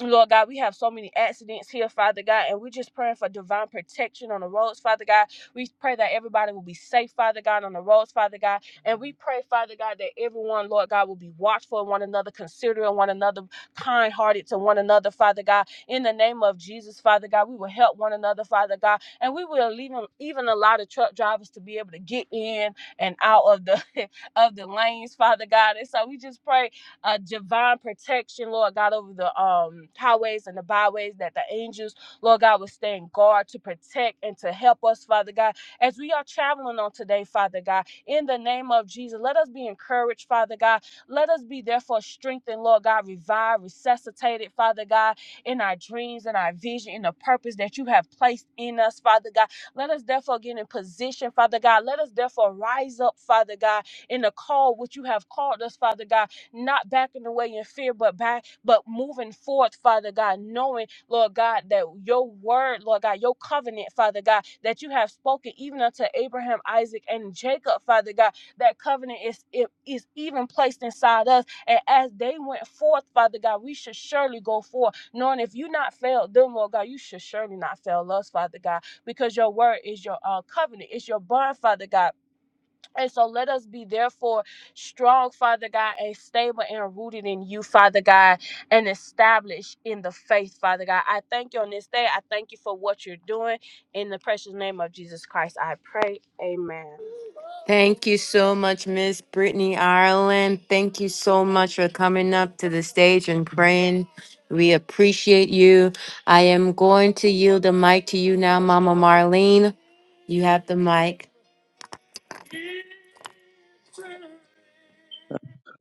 S2: Lord God, we have so many accidents here, Father God, and we're just praying for divine protection on the roads, Father God. We pray that everybody will be safe, Father God, on the roads, Father God. And we pray, Father God, that everyone, Lord God, will be watchful of one another, considering one another, kind hearted to one another, Father God. In the name of Jesus, Father God, we will help one another, Father God. And we will even, even allow the truck drivers to be able to get in and out of the *laughs* of the lanes, Father God. And so we just pray uh, divine protection, Lord God, over the um, highways and the byways that the angels, Lord God, will stand guard to protect and to help us, Father God, as we are traveling on today, Father God. In the name of Jesus, let us be encouraged, Father God. Let us be therefore strengthened, Lord God, revived, resuscitated, Father God, in our dreams and our vision, in the purpose that you have placed in us, Father God. Let us therefore get in position, Father God. Let us therefore rise up, Father God, in the call which you have called us, Father God not backing away in fear, but back, but moving forth, Father God, knowing, Lord God, that your word, Lord God, your covenant, Father God, that you have spoken even unto Abraham, Isaac, and Jacob, Father God, that covenant is it is even placed inside us. And as they went forth, Father God, we should surely go forth, knowing if you not failed them, Lord God, you should surely not fail us, Father God, because your word is your uh, covenant, it's your bond, Father God and so let us be therefore strong, Father God, and stable and rooted in you, Father God, and established in the faith, Father God. I thank you on this day. I thank you for what you're doing. In the precious name of Jesus Christ, I pray. Amen.
S1: Thank you so much, Miss Brittany Ireland. Thank you so much for coming up to the stage and praying. We appreciate you. I am going to yield the mic to you now, Mama Marlene. You have the mic.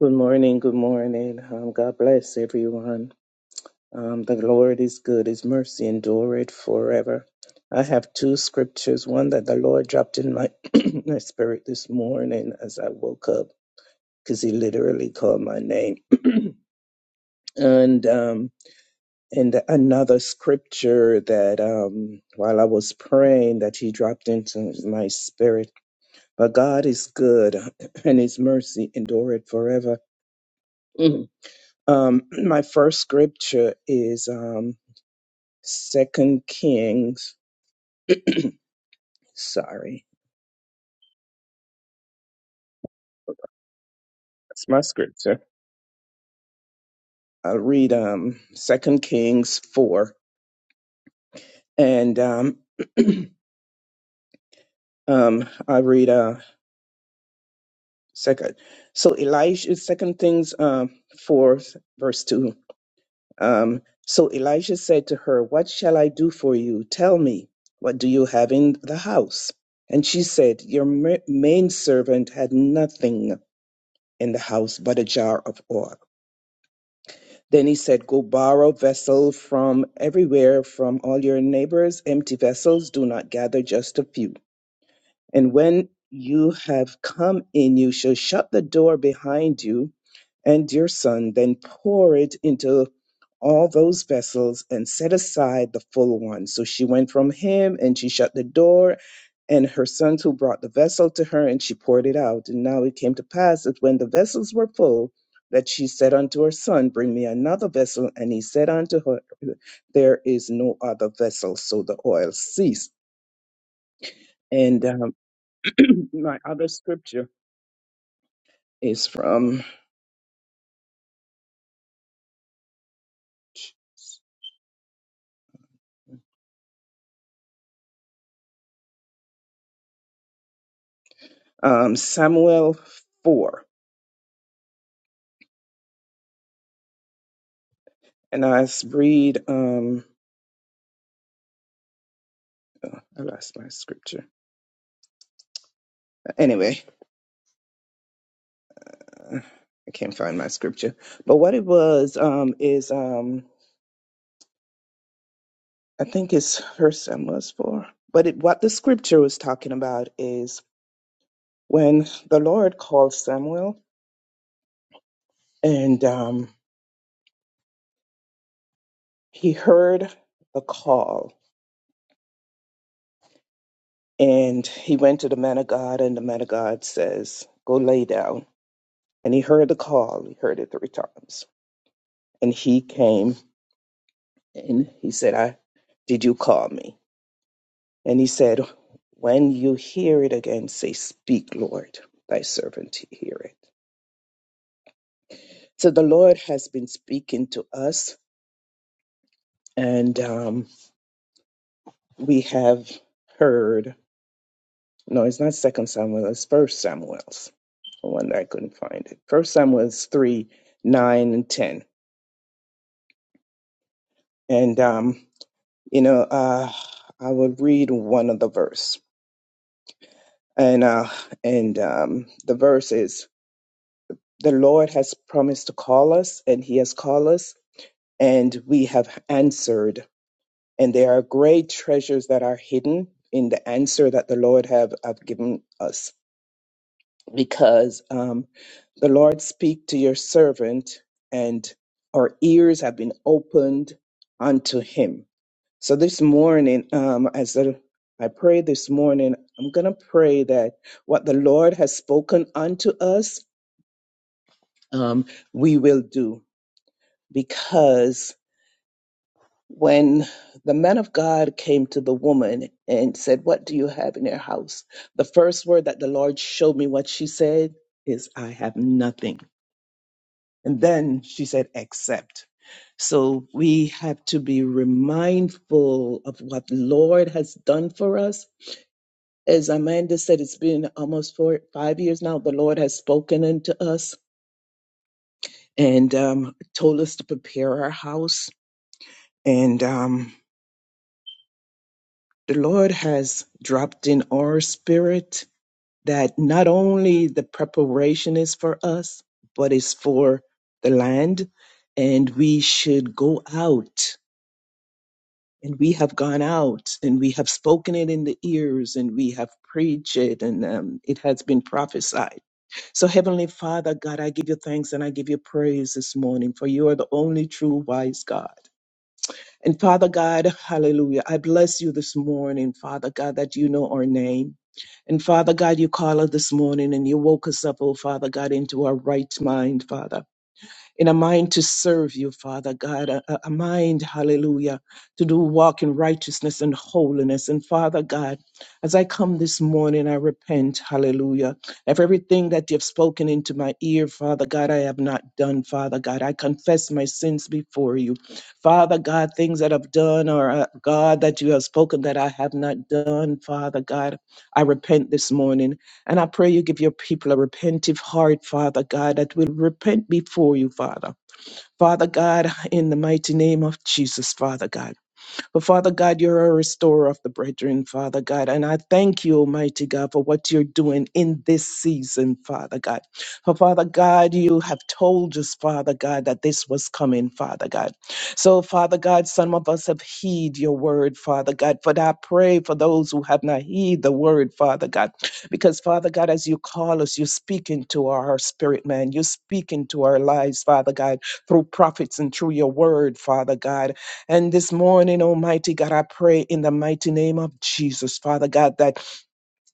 S3: Good morning. Good morning. Um, God bless everyone. Um, the Lord is good. His mercy endureth forever. I have two scriptures. One that the Lord dropped in my, *clears throat* my spirit this morning as I woke up, because He literally called my name, and um, and another scripture that um, while I was praying that He dropped into my spirit. But God is good, *clears throat* and His mercy endureth forever. *clears throat* Um, *clears throat* my first scripture is um, Second Kings. Sorry, that's my scripture. I read um, Second Kings four, and um, *clears throat* um, I read uh, second. So Elisha, Second Kings um, four, verse two. Um, so Elisha said to her, "What shall I do for you? Tell me, what do you have in the house?" And she said, "Your ma- maidservant had nothing." in the house but a jar of oil. Then he said, Go borrow vessels from everywhere from all your neighbors, empty vessels, do not gather just a few. And when you have come in, you shall shut the door behind you and your son, then pour it into all those vessels and set aside the full one. So she went from him and she shut the door, and her sons who brought the vessel to her, and she poured it out. And now it came to pass that when the vessels were full, that she said unto her son, Bring me another vessel. And he said unto her, There is no other vessel. So the oil ceased. And um, *clears throat* my other scripture is from um, Samuel 4. And I s- read, um, oh, I lost my scripture. Anyway, uh, I can't find my scripture. But what it was um, is, um, I think it's First Samuel 4. But it, what the scripture was talking about is when the Lord called Samuel and um, he heard the call and he went to the man of God, and the man of God says, Go lay down And he heard the call. He heard it three times. And he came and he said, I did you call me? And he said, When you hear it again, say, Speak, Lord, thy servant hear it. So the Lord has been speaking to us, and um, we have heard. No, it's not Second Samuel, it's First Samuel's. The one that I couldn't find it. First Samuel's three, nine, and ten. And um, you know, uh, I will read one of the verse. and uh and um the verse is the lord has promised to call us and he has called us and we have answered and there are great treasures that are hidden in the answer that the lord have, have given us because um the lord speak to your servant and our ears have been opened unto him So this morning, um, as I I pray this morning, I'm gonna pray that what the Lord has spoken unto us, um, we will do. Because when the man of God came to the woman and said, "What do you have in your house?" The first word that the Lord showed me what she said is, "I have nothing." And then she said, "Except." So we have to be remindful of what the Lord has done for us as Amanda said, it's been almost four, five years now. The Lord has spoken unto us and um, told us to prepare our house. And um, the Lord has dropped in our spirit that not only the preparation is for us, but it's for the land. And we should go out. And we have gone out and we have spoken it in the ears and we have preached it and um, it has been prophesied So, Heavenly Father, God, I give you thanks and I give you praise this morning, for you are the only true wise God. And Father God, hallelujah, I bless you this morning, Father God, that you know our name. And Father God, you call us this morning and you woke us up, oh Father God, into our right mind, Father in a mind to serve you, Father God, a, a a mind, hallelujah, to do walk in righteousness and holiness. And Father God, as I come this morning, I repent, hallelujah, of everything that you've spoken into my ear, Father God, I have not done, Father God. I confess my sins before you. Father God, things that I've done or uh, God that you have spoken that I have not done, Father God, I repent this morning. And I pray you give your people a repentive heart, Father God, that will repent before you, Father. Father God, in the mighty name of Jesus, Father God. But Father God, you're a restorer of the brethren, Father God. And I thank you, Almighty God, for what you're doing in this season, Father God. For Father God, you have told us, Father God, that this was coming, Father God. So, Father God, some of us have heed your word, Father God. But I pray for those who have not heed the word, Father God. Because, Father God, as you call us, you're speaking to our spirit, man. You're speaking to our lives, Father God, through prophets and through your word, Father God. And this morning, Almighty God, I pray in the mighty name of Jesus, Father God, that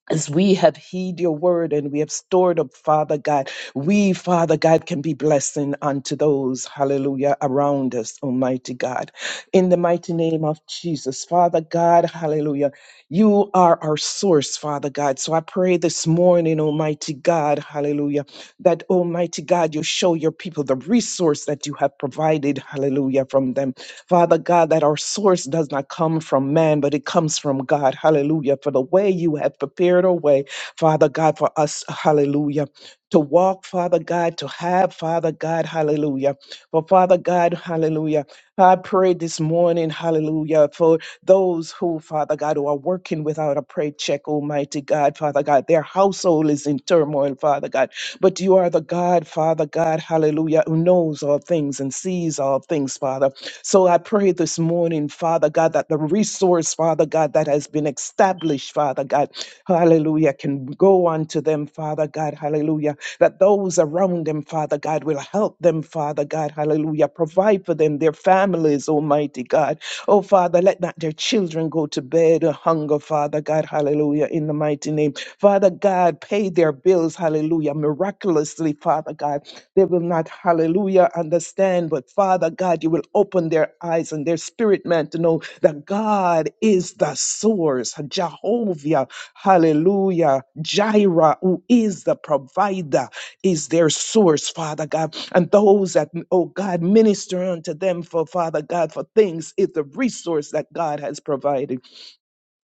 S3: as we have heed your word and we have stored up, Father God, we, Father God, can be blessing unto those, hallelujah, around us, Almighty God. In the mighty name of Jesus, Father God, hallelujah, you are our source, Father God. So I pray this morning, Almighty God, hallelujah that Almighty God, you show your people the resource that you have provided, hallelujah, from them. Father God, that our source does not come from man, but it comes from God, hallelujah, for the way you have prepared a way, Father God, for us, hallelujah to walk, Father God, to have, Father God, hallelujah. For Father God, hallelujah. I pray this morning, hallelujah, for those who, Father God, who are working without a prayer check, Almighty God, Father God. Their household is in turmoil, Father God. But you are the God, Father God, hallelujah, who knows all things and sees all things, Father. So I pray pray this morning, Father God, that the resource, Father God, that has been established, Father God, hallelujah, can go on to them, Father God, hallelujah, that those around them, Father God, will help them, Father God, hallelujah, provide for them, their families, Almighty God. Oh, Father, let not their children go to bed of hunger, Father God, hallelujah, in the mighty name. Father God, pay their bills, hallelujah, miraculously, Father God, they will not, hallelujah, understand. But Father God, you will open their eyes and their spirit man to know that God is the source, Jehovah, hallelujah, Jireh, who is the provider, is their source, Father God. And those that, oh God, minister unto them for Father God, for things is the resource that God has provided.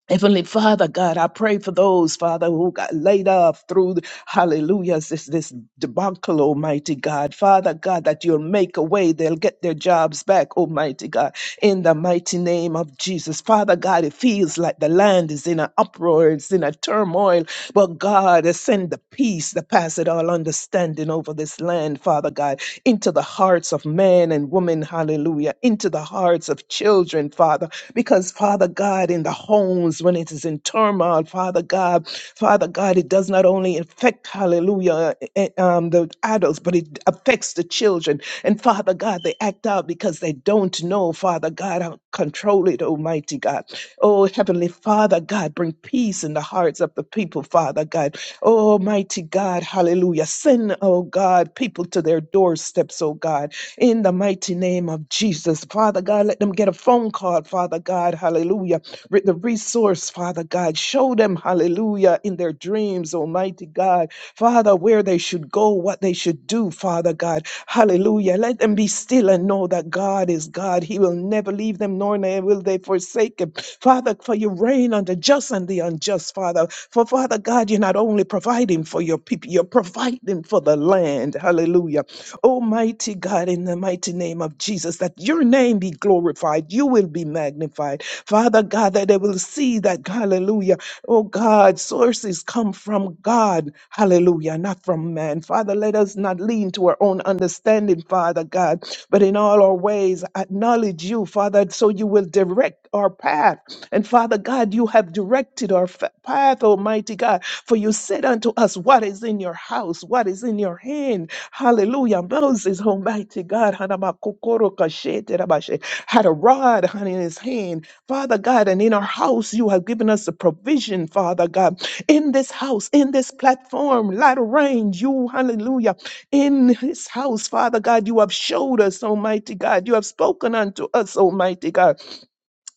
S3: Heavenly Father, God, I pray for those, Father, who got laid off through, hallelujah, this, this debacle, Almighty God. Father, God, that you'll make a way. They'll get their jobs back, Almighty God, in the mighty name of Jesus. Father, God, it feels like the land is in an uproar, it's in a turmoil, but God, send the peace that passes all understanding over this land land, Father God, into the hearts of man and woman, hallelujah, into the hearts of children, Father, because, Father God, in the homes, when it is in turmoil, Father God, Father God, it does not only affect, hallelujah, eh, eh, um, the adults, but it affects the children. And Father God, they act out because they don't know, Father God, how to control it, Almighty God. Oh, Heavenly Father God, bring peace in the hearts of the people, Father God. Almighty God, hallelujah. Send, oh God, people to their doorsteps, oh God, in the mighty name of Jesus. Father God, let them get a phone call, Father God, hallelujah. With the resource, Father God, show them, hallelujah, in their dreams, Almighty God, Father, where they should go, what they should do, Father God, hallelujah. Let them be still and know that God is God. He will never never leave them, nor ne- will they forsake him. Father, for you reign on the just and the unjust, Father. For Father God, you're not only providing for your people, you're providing for the land. Hallelujah. Almighty God, in the mighty name of Jesus, that your name be glorified, you will be magnified. Father God, that they will see that, hallelujah, oh God, sources come from God, hallelujah, not from man. Father, let us not lean to our own understanding, Father God, but in all our ways acknowledge you, Father, so you will direct our path. And Father God, you have directed our fa- path, Almighty God, for you said unto us, What is in your house? What is in your hand? Hallelujah. Moses, Almighty God, Hanamakokoro kashete rabashe, had a rod honey, in his hand Father God, and in our house, you have given us a provision, Father God. In this house, in this platform, light range, you, hallelujah. In this house, Father God, you have showed us, Almighty God. You have spoken unto us, Almighty God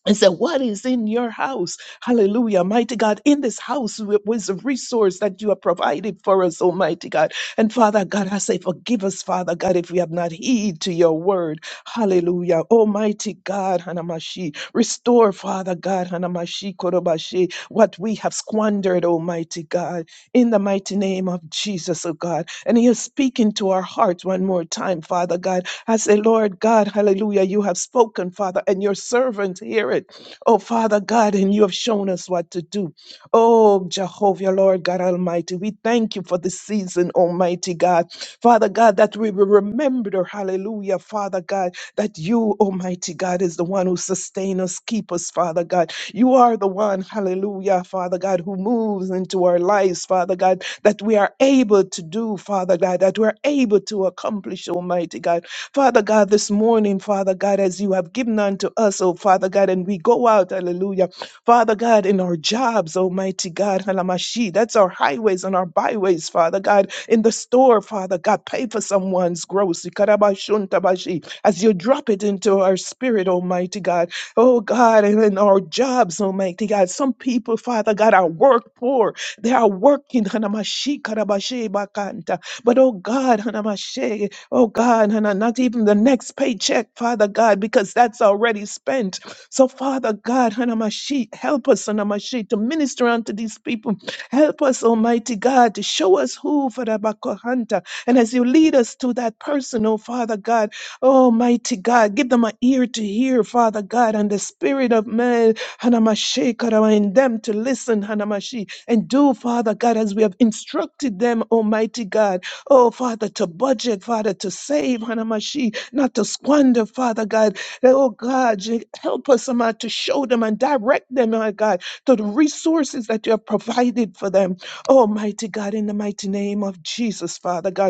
S3: and said, What is in your house? Hallelujah. Mighty God, in this house wi- was a resource that you have provided for us, Almighty God. And Father God, I say, Forgive us, Father God, if we have not heed to your word. Hallelujah. Almighty God, Hanamashi. Restore, Father God, Hanamashi Korobashi, what we have squandered, Almighty God, in the mighty name of Jesus, oh God. And He is speaking to our hearts one more time, Father God I say, Lord God, hallelujah, you have spoken, Father, and your servant hear it. Oh, Father God, and you have shown us what to do. Oh, Jehovah, Lord God Almighty, we thank you for this season, Almighty God. Father God, that we will remember, hallelujah, Father God, that you, Almighty God, is the one who sustain us, keep us, Father God. You are the one, hallelujah, Father God, who moves into our lives, Father God, that we are able to do, Father God, that we're able to accomplish, Almighty God. Father God, this morning, Father God, as you have given unto us, oh Father God, and we go out, hallelujah. Father God, in our jobs, Almighty God, Halamashi, that's our highways and our byways, Father God, in the store, Father God, pay for someone's grocery, Karabashuntabashi, as you drop it into our spirit, Almighty God. Oh God, and in our jobs, Almighty God, some people, Father God, are work poor. They are working, Hanamashi, Karabashi, Bakanta. But oh God, Hanamashi, oh God, Hana, not even the next paycheck, Father God, because that's already spent. So, Father God, Hanamashi, help us, Hanamashi, to minister unto these people. Help us, Almighty God, to show us who, Father Farabakohanta. And as you lead us to that person, oh Father God, Almighty God, give them an ear to hear, Father God, and the spirit of man, Hanamashi, Karama, in them to listen, Hanamashi, and do, Father God, as we have instructed them, Almighty God. Oh, Father, to budget, Father, to save, Hanamashi, not to squander, Father God, that, oh God, you help us, oh God, to show them and direct them, oh God, to the resources that you have provided for them. Almighty God, in the mighty name of Jesus, Father God.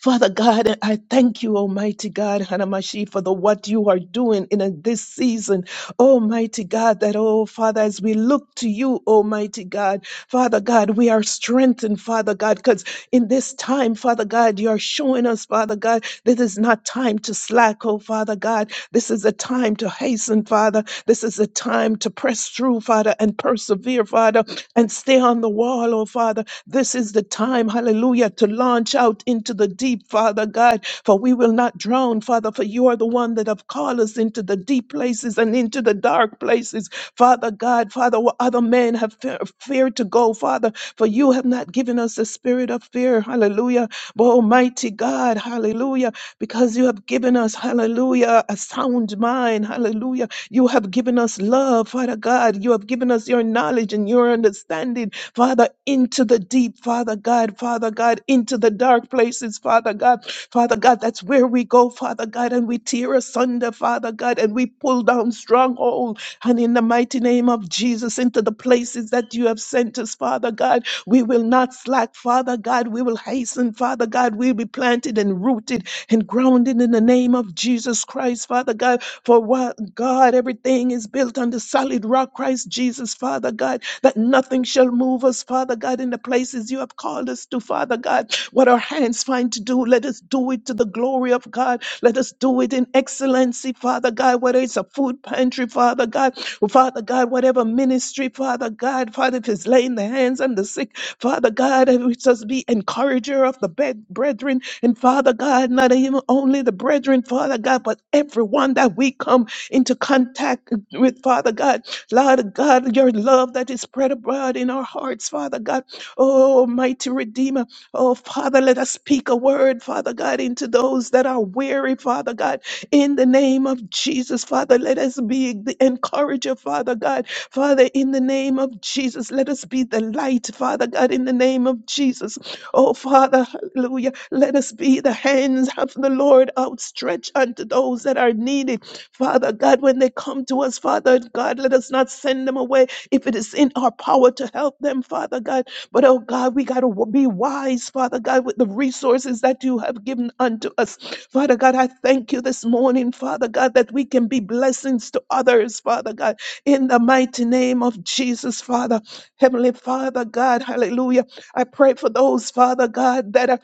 S3: Father God, I thank you, Almighty God, Hanamashi, for the what you are doing in a- this season. Almighty God, that, oh, Father, as we look to you, Almighty God, Father God, we are strengthened, Father God, because in this time, Father God, you're showing us, Father God, this is not time to slack, oh, Father God. This is a time to hasten, Father. This is a time to press through, Father, and persevere, Father, and stay on the wall, oh. Lord Father. This is the time, hallelujah, to launch out into the deep, Father God, for we will not drown, Father, for you are the one that have called us into the deep places and into the dark places, Father God, Father, where other men have fe- feared to go, Father, for you have not given us the spirit of fear, hallelujah, but almighty God, hallelujah hallelujah, because you have given us, hallelujah, a sound mind, hallelujah. You have given us love, Father God. You have given us your knowledge and your understanding, Father, into the deep, Father God, Father God, into the dark places, Father God, Father God. That's where we go, Father God, and we tear asunder, Father God, and we pull down strongholds, and in the mighty name of Jesus, into the places that you have sent us, Father God. We will not slack, Father God. We will hasten, Father God. We'll be planted and rooted and grounded in the name of Jesus Christ, Father God. For what God, everything is built on the solid rock, Christ Jesus, Father God, that nothing shall move us, Father God, in the places you have called us to, Father God. What our hands find to do, let us us Do it to the glory of God. Let us do it in excellency, Father God. Whatever it's a food pantry, Father God. Father God, whatever ministry, Father God. Father God is laying the hands on the sick, Father God. Let us be encourager of the bed, brethren, and Father God, not even only the brethren, Father God, but everyone that we come into contact with, Father God. Lord God, your love that is spread abroad in our hearts, Father God. Oh, mighty Redeemer. Oh, Father, let us speak a word, Father God, into those that are weary, Father God, in the name of Jesus, Father. Let us be the encourager, Father God. Father, in the name of Jesus, let us be the light, Father God, in the name of Jesus. Oh, Father, hallelujah. Let us be the hands of the Lord outstretched unto those that are needed, Father God, when they come to us, Father God, let us not send them away if it is in our power to help them, Father God. But oh God, we got to be wise, Father God, with the resources that you have given unto us. Father God, I thank you this morning, Father God, that we can be blessings to others, Father God, in the mighty name of Jesus, Father. Heavenly Father God, hallelujah. I pray for those, Father God, that are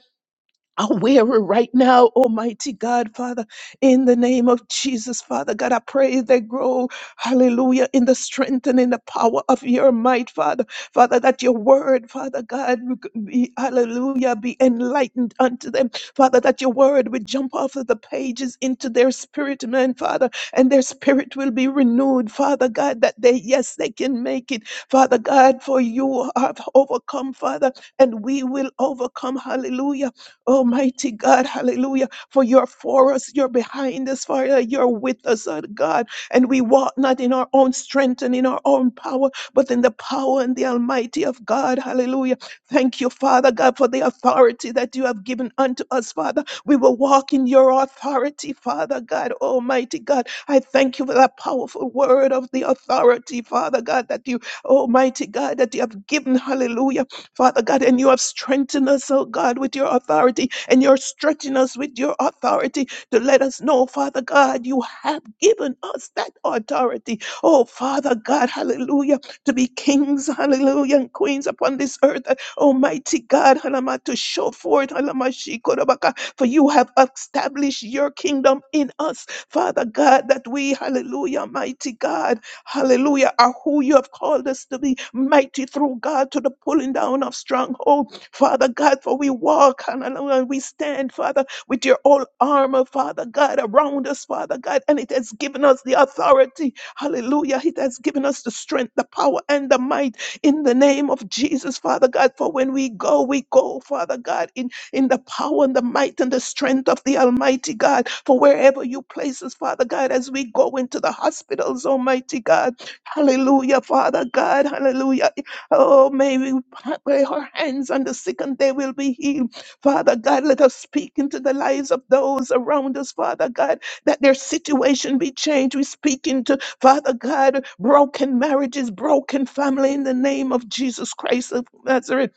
S3: I wear it right now, Almighty God, Father, in the name of Jesus, Father God. I pray they grow, hallelujah, in the strength and in the power of your might, Father. Father, that your word, Father God, be, hallelujah, be enlightened unto them. Father, that your word would jump off of the pages into their spirit, man, Father, and their spirit will be renewed, Father God, that they, yes, they can make it. Father God, for you have overcome, Father, and we will overcome, hallelujah. Almighty God, hallelujah, for you're for us, you're behind us, Father, you're with us, oh God, and we walk not in our own strength and in our own power, but in the power and the Almighty of God, hallelujah. Thank you, Father God, for the authority that you have given unto us, Father. We will walk in your authority, Father God, Almighty God. I thank you for that powerful word of the authority, Father God, that you, Almighty God, that you have given, hallelujah Father God, and you have strengthened us, oh God, with your authority, and you're stretching us with your authority to let us know, Father God, you have given us that authority. Oh, Father God, hallelujah, to be kings, hallelujah, and queens upon this earth. Almighty God, halama, to show forth, halama, shikorobaka, for you have established your kingdom in us, Father God, that we, hallelujah, mighty God hallelujah, are who you have called us to be, mighty through God to the pulling down of stronghold. Father God, for we walk, hallelujah, and we stand, Father, with your old armor, Father God, around us, Father God, and it has given us the authority, hallelujah, it has given us the strength, the power, and the might in the name of Jesus, Father God, for when we go, we go, Father God, In in the power and the might and the strength of the Almighty God. For wherever you place us, Father God, as we go into the hospitals, Almighty God. Hallelujah, Father God. Hallelujah. Oh, may we lay our hands on the sick and they will be healed. Father God, let us speak into the lives of those around us, Father God, that their situation be changed. We speak into, Father God, broken marriages, broken family in the name of Jesus Christ of Nazareth.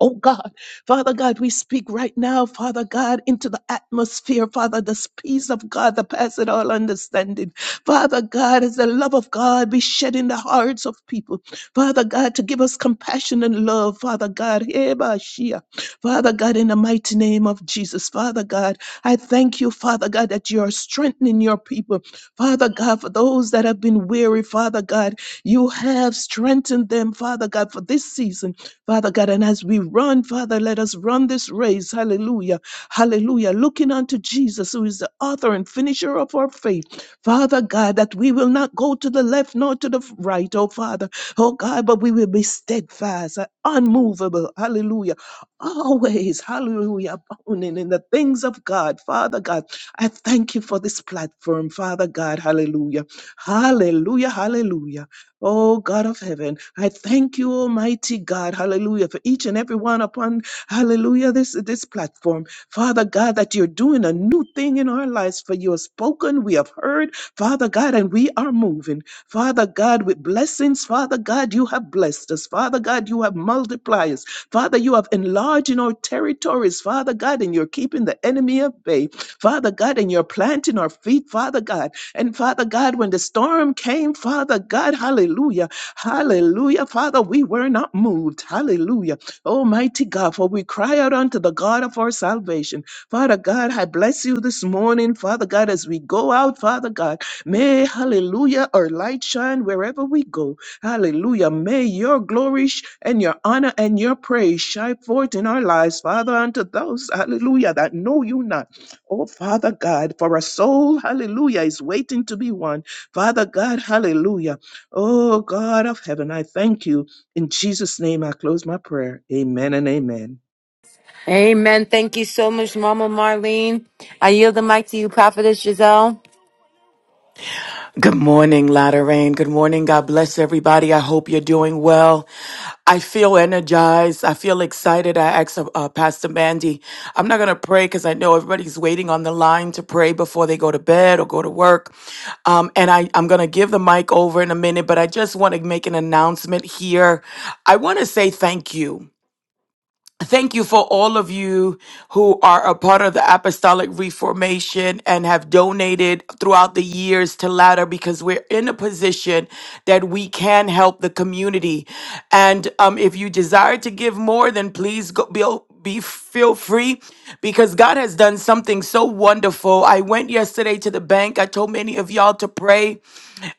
S3: Oh God, Father God, we speak right now, Father God, into the atmosphere, Father, this peace of God that passeth all understanding. Father God, as the love of God be shed in the hearts of people. Father God, to give us compassion and love, Father God. Heba Shia. Father God, in the mighty name of Jesus, Father God, I thank you, Father God, that you are strengthening your people. Father God, for those that have been weary, Father God, you have strengthened them, Father God, for this season. Father God, and as we run, Father, let us run this race. Hallelujah. Hallelujah. Looking unto Jesus, who is the author and finisher of our faith. Father God, that we will not go to the left nor to the right, oh Father, oh God, but we will be steadfast, uh, unmovable, hallelujah, always, hallelujah, abounding in the things of God, Father God. I thank you for this platform, Father God, hallelujah, hallelujah, hallelujah. Oh God of heaven, I thank you, Almighty God, hallelujah, for each and every one upon hallelujah, this this platform. Father God, that you're doing a new thing in our lives. For you have spoken, we have heard, Father God, and we are moving. Father God, with blessings, Father God, you have blessed us. Father God, you have multiplied us. Father, you have enlarged in our territories, Father God, in your keeping the enemy at bay, Father God, and you're planting our feet, Father God. And Father God, when the storm came, Father God, hallelujah, hallelujah, Father, we were not moved, hallelujah. Almighty God, for we cry out unto the God of our salvation. Father God, I bless you this morning, Father God, as we go out, Father God. May, hallelujah, our light shine wherever we go. Hallelujah. May your glory sh- and your honor and your praise shine forth in our lives, Father, unto those, hallelujah, that know you not. Oh, Father God, for a soul, hallelujah, is waiting to be won. Father God, hallelujah. Oh, God of heaven, I thank you. In Jesus' name, I close my prayer. Amen and amen.
S1: Amen. Thank you so much, Mama Marlene. I yield the mic to you, Prophetess Giselle.
S4: Good morning, Latter Rain. Good morning. God bless everybody. I hope you're doing well. I feel energized. I feel excited. I asked uh, uh, Pastor Mandy, I'm not going to pray because I know everybody's waiting on the line to pray before they go to bed or go to work. Um, and I, I'm going to give the mic over in a minute, but I just want to make an announcement here. I want to say thank you. Thank you for all of you who are a part of the Apostolic Reformation and have donated throughout the years to Ladder because we're in a position that we can help the community. And um, if you desire to give more, then please go, be, be feel free because God has done something so wonderful. I went yesterday to the bank. I told many of y'all to pray.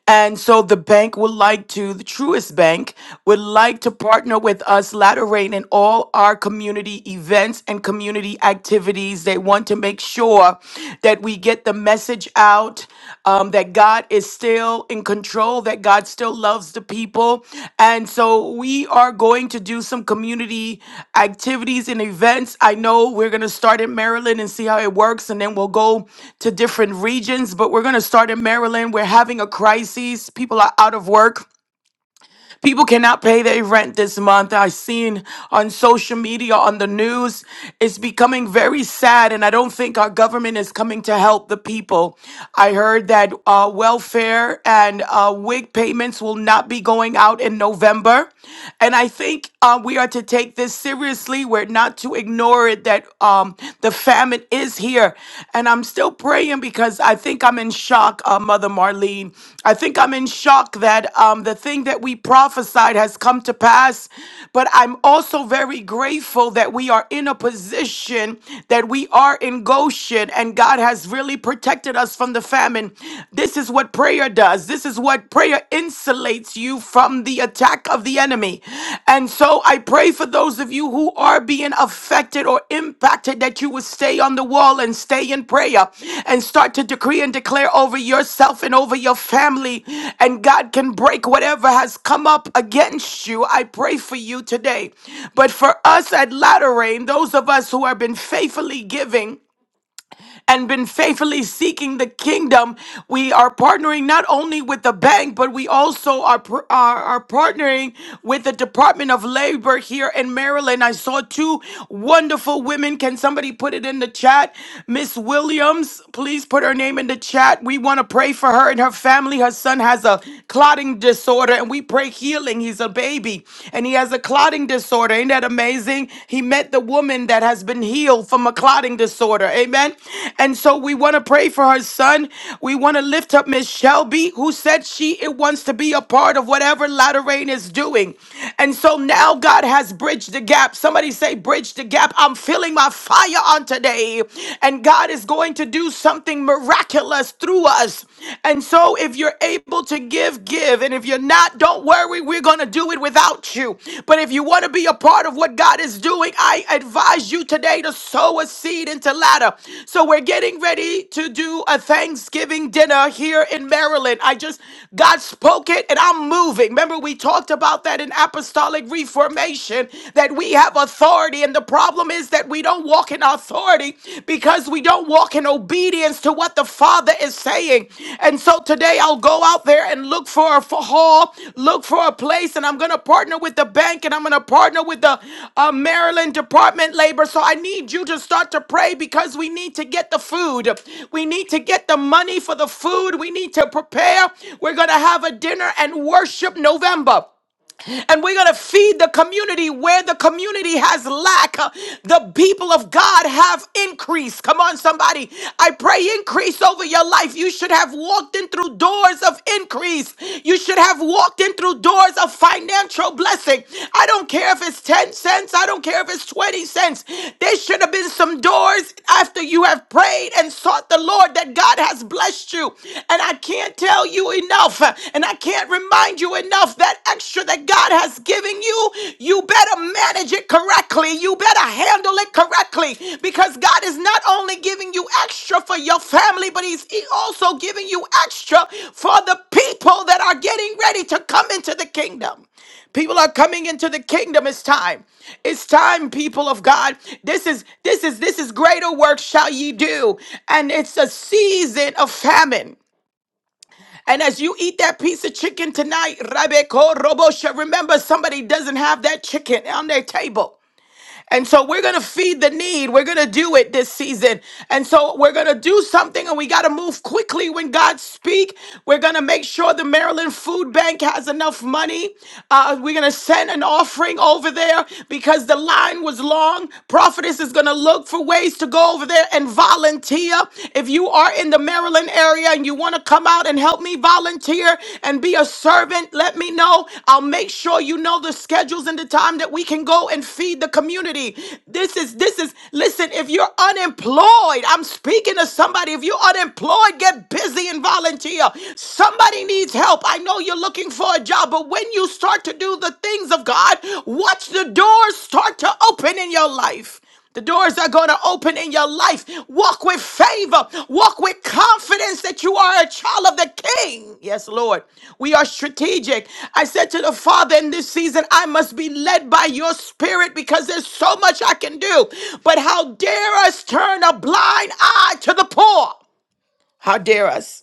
S4: And so the bank would like to, the Truist Bank would like to partner with us, Lateran, in all our community events and community activities. They want to make sure that we get the message out um, that God is still in control, that that God still loves the people. And so we are going to do some community activities and events. I know we're going to start in Maryland and see how it works, and then we'll go to different regions. But we're going to start in Maryland. We're having a crisis, people are out of work People cannot pay their rent this month. I've seen on social media, on the news, it's becoming very sad, and I don't think our government is coming to help the people. I heard that uh, welfare and uh, WIG payments will not be going out in November, and I think uh, we are to take this seriously. We're not to ignore it that um, the famine is here here. And I'm still praying because I think I'm in shock, uh, Mother Marlene. I think I'm in shock that um, the thing that we prophesied has come to pass. But I'm also very grateful that we are in a position that we are in Goshen and God has really protected us from the famine. This is what prayer does. This is what prayer insulates you from overcome the attack of the enemy. And so I pray for those of you who are being affected or impacted that you would stay on the wall and stay in prayer and start to decree and declare over yourself and over your family. And God can break whatever has come up against you. I pray for you today. But for us at Latter Rain, those of us who have been faithfully giving, and been faithfully seeking the kingdom, we are partnering not only with the bank, but we also are, pr- are, are partnering with the Department of Labor here in Maryland. I saw two wonderful women. Can somebody put it in the chat? Miss Williams, please put her name in the chat. We want to pray for her and her family. Her son has a clotting disorder, and we pray healing. He's a baby, and he has a clotting disorder. Ain't that amazing? He met the woman that has been healed from a clotting disorder. Amen. And so we want to pray for her son. We want to lift up Miss Shelby, who said she it wants to be a part of whatever Latter Rain is doing. And so now God has bridged the gap. Somebody say, bridge the gap. I'm feeling my fire on today. And God is going to do something miraculous through us. And so so if you're able to give, give. And if you're not, don't worry, we're going to do it without you. But if you want to be a part of what God is doing, I advise you today to sow a seed into ladder. So we're getting ready to do a Thanksgiving dinner here in Maryland. I just, God spoke it and I'm moving. Remember, we talked about that in Apostolic Reformation that we have authority. And the problem is that we don't walk in in authority because we don't walk in obedience to what the Father is saying. And so today I'll go out there and look for a for hall, look for a place, and I'm going to partner with the bank and I'm going to partner with the uh, Maryland Department Labor. So I need you to start to pray because we need to get the food. We need to get the money for the food. We need to prepare. We're going to have a dinner and worship November and we're going to feed the community where the community has lack. Uh, The people of God have increase. Come on, somebody. I pray increase over your life. You should have walked in through doors of increase. You should have walked in through doors of financial blessing. I don't care if it's 10 cents, I don't care if it's 20 cents. There should have been some doors after you have prayed and sought the Lord that God has blessed you. And I can't tell you enough. And I I can't remind you enough that extra that God has given you, you better manage it correctly. You better handle it correctly because God is not only giving you extra for your family, but He's e- also giving you extra for the people that are getting ready to come into the kingdom. People are coming into the kingdom. It's time. It's time, people of God. This is this is this is greater work shall ye do. And it's a season of famine. And as you eat that piece of chicken tonight, Rabeko Robosha, remember somebody doesn't have that chicken on their table. And so we're going to feed the need. We're going to do it this season. And so we're going to do something and we got to move quickly when God speak. We're going to make sure the Maryland Food Bank has enough money. Uh, we're going to send an offering over there because the line was long. Prophetess is going to look for ways to go over there and volunteer. If you are in the Maryland area and you want want to come out and help me volunteer and be a servant, let me know. I'll make sure you know the schedules and the time that we can go and feed the community. This is, this is, listen, if you're unemployed, I'm speaking to somebody. If you're unemployed, get busy and volunteer. Somebody needs help. I know you're looking for a job, but when you start to do the things of God, watch the doors start to open in your life. The doors are going to open in your life. Walk with favor. Walk with confidence that you are a child of the King. Yes, Lord. We are strategic. I said to the Father in this season, I must be led by your spirit because there's so much I can do. But how dare us turn a blind eye to the poor? How dare us?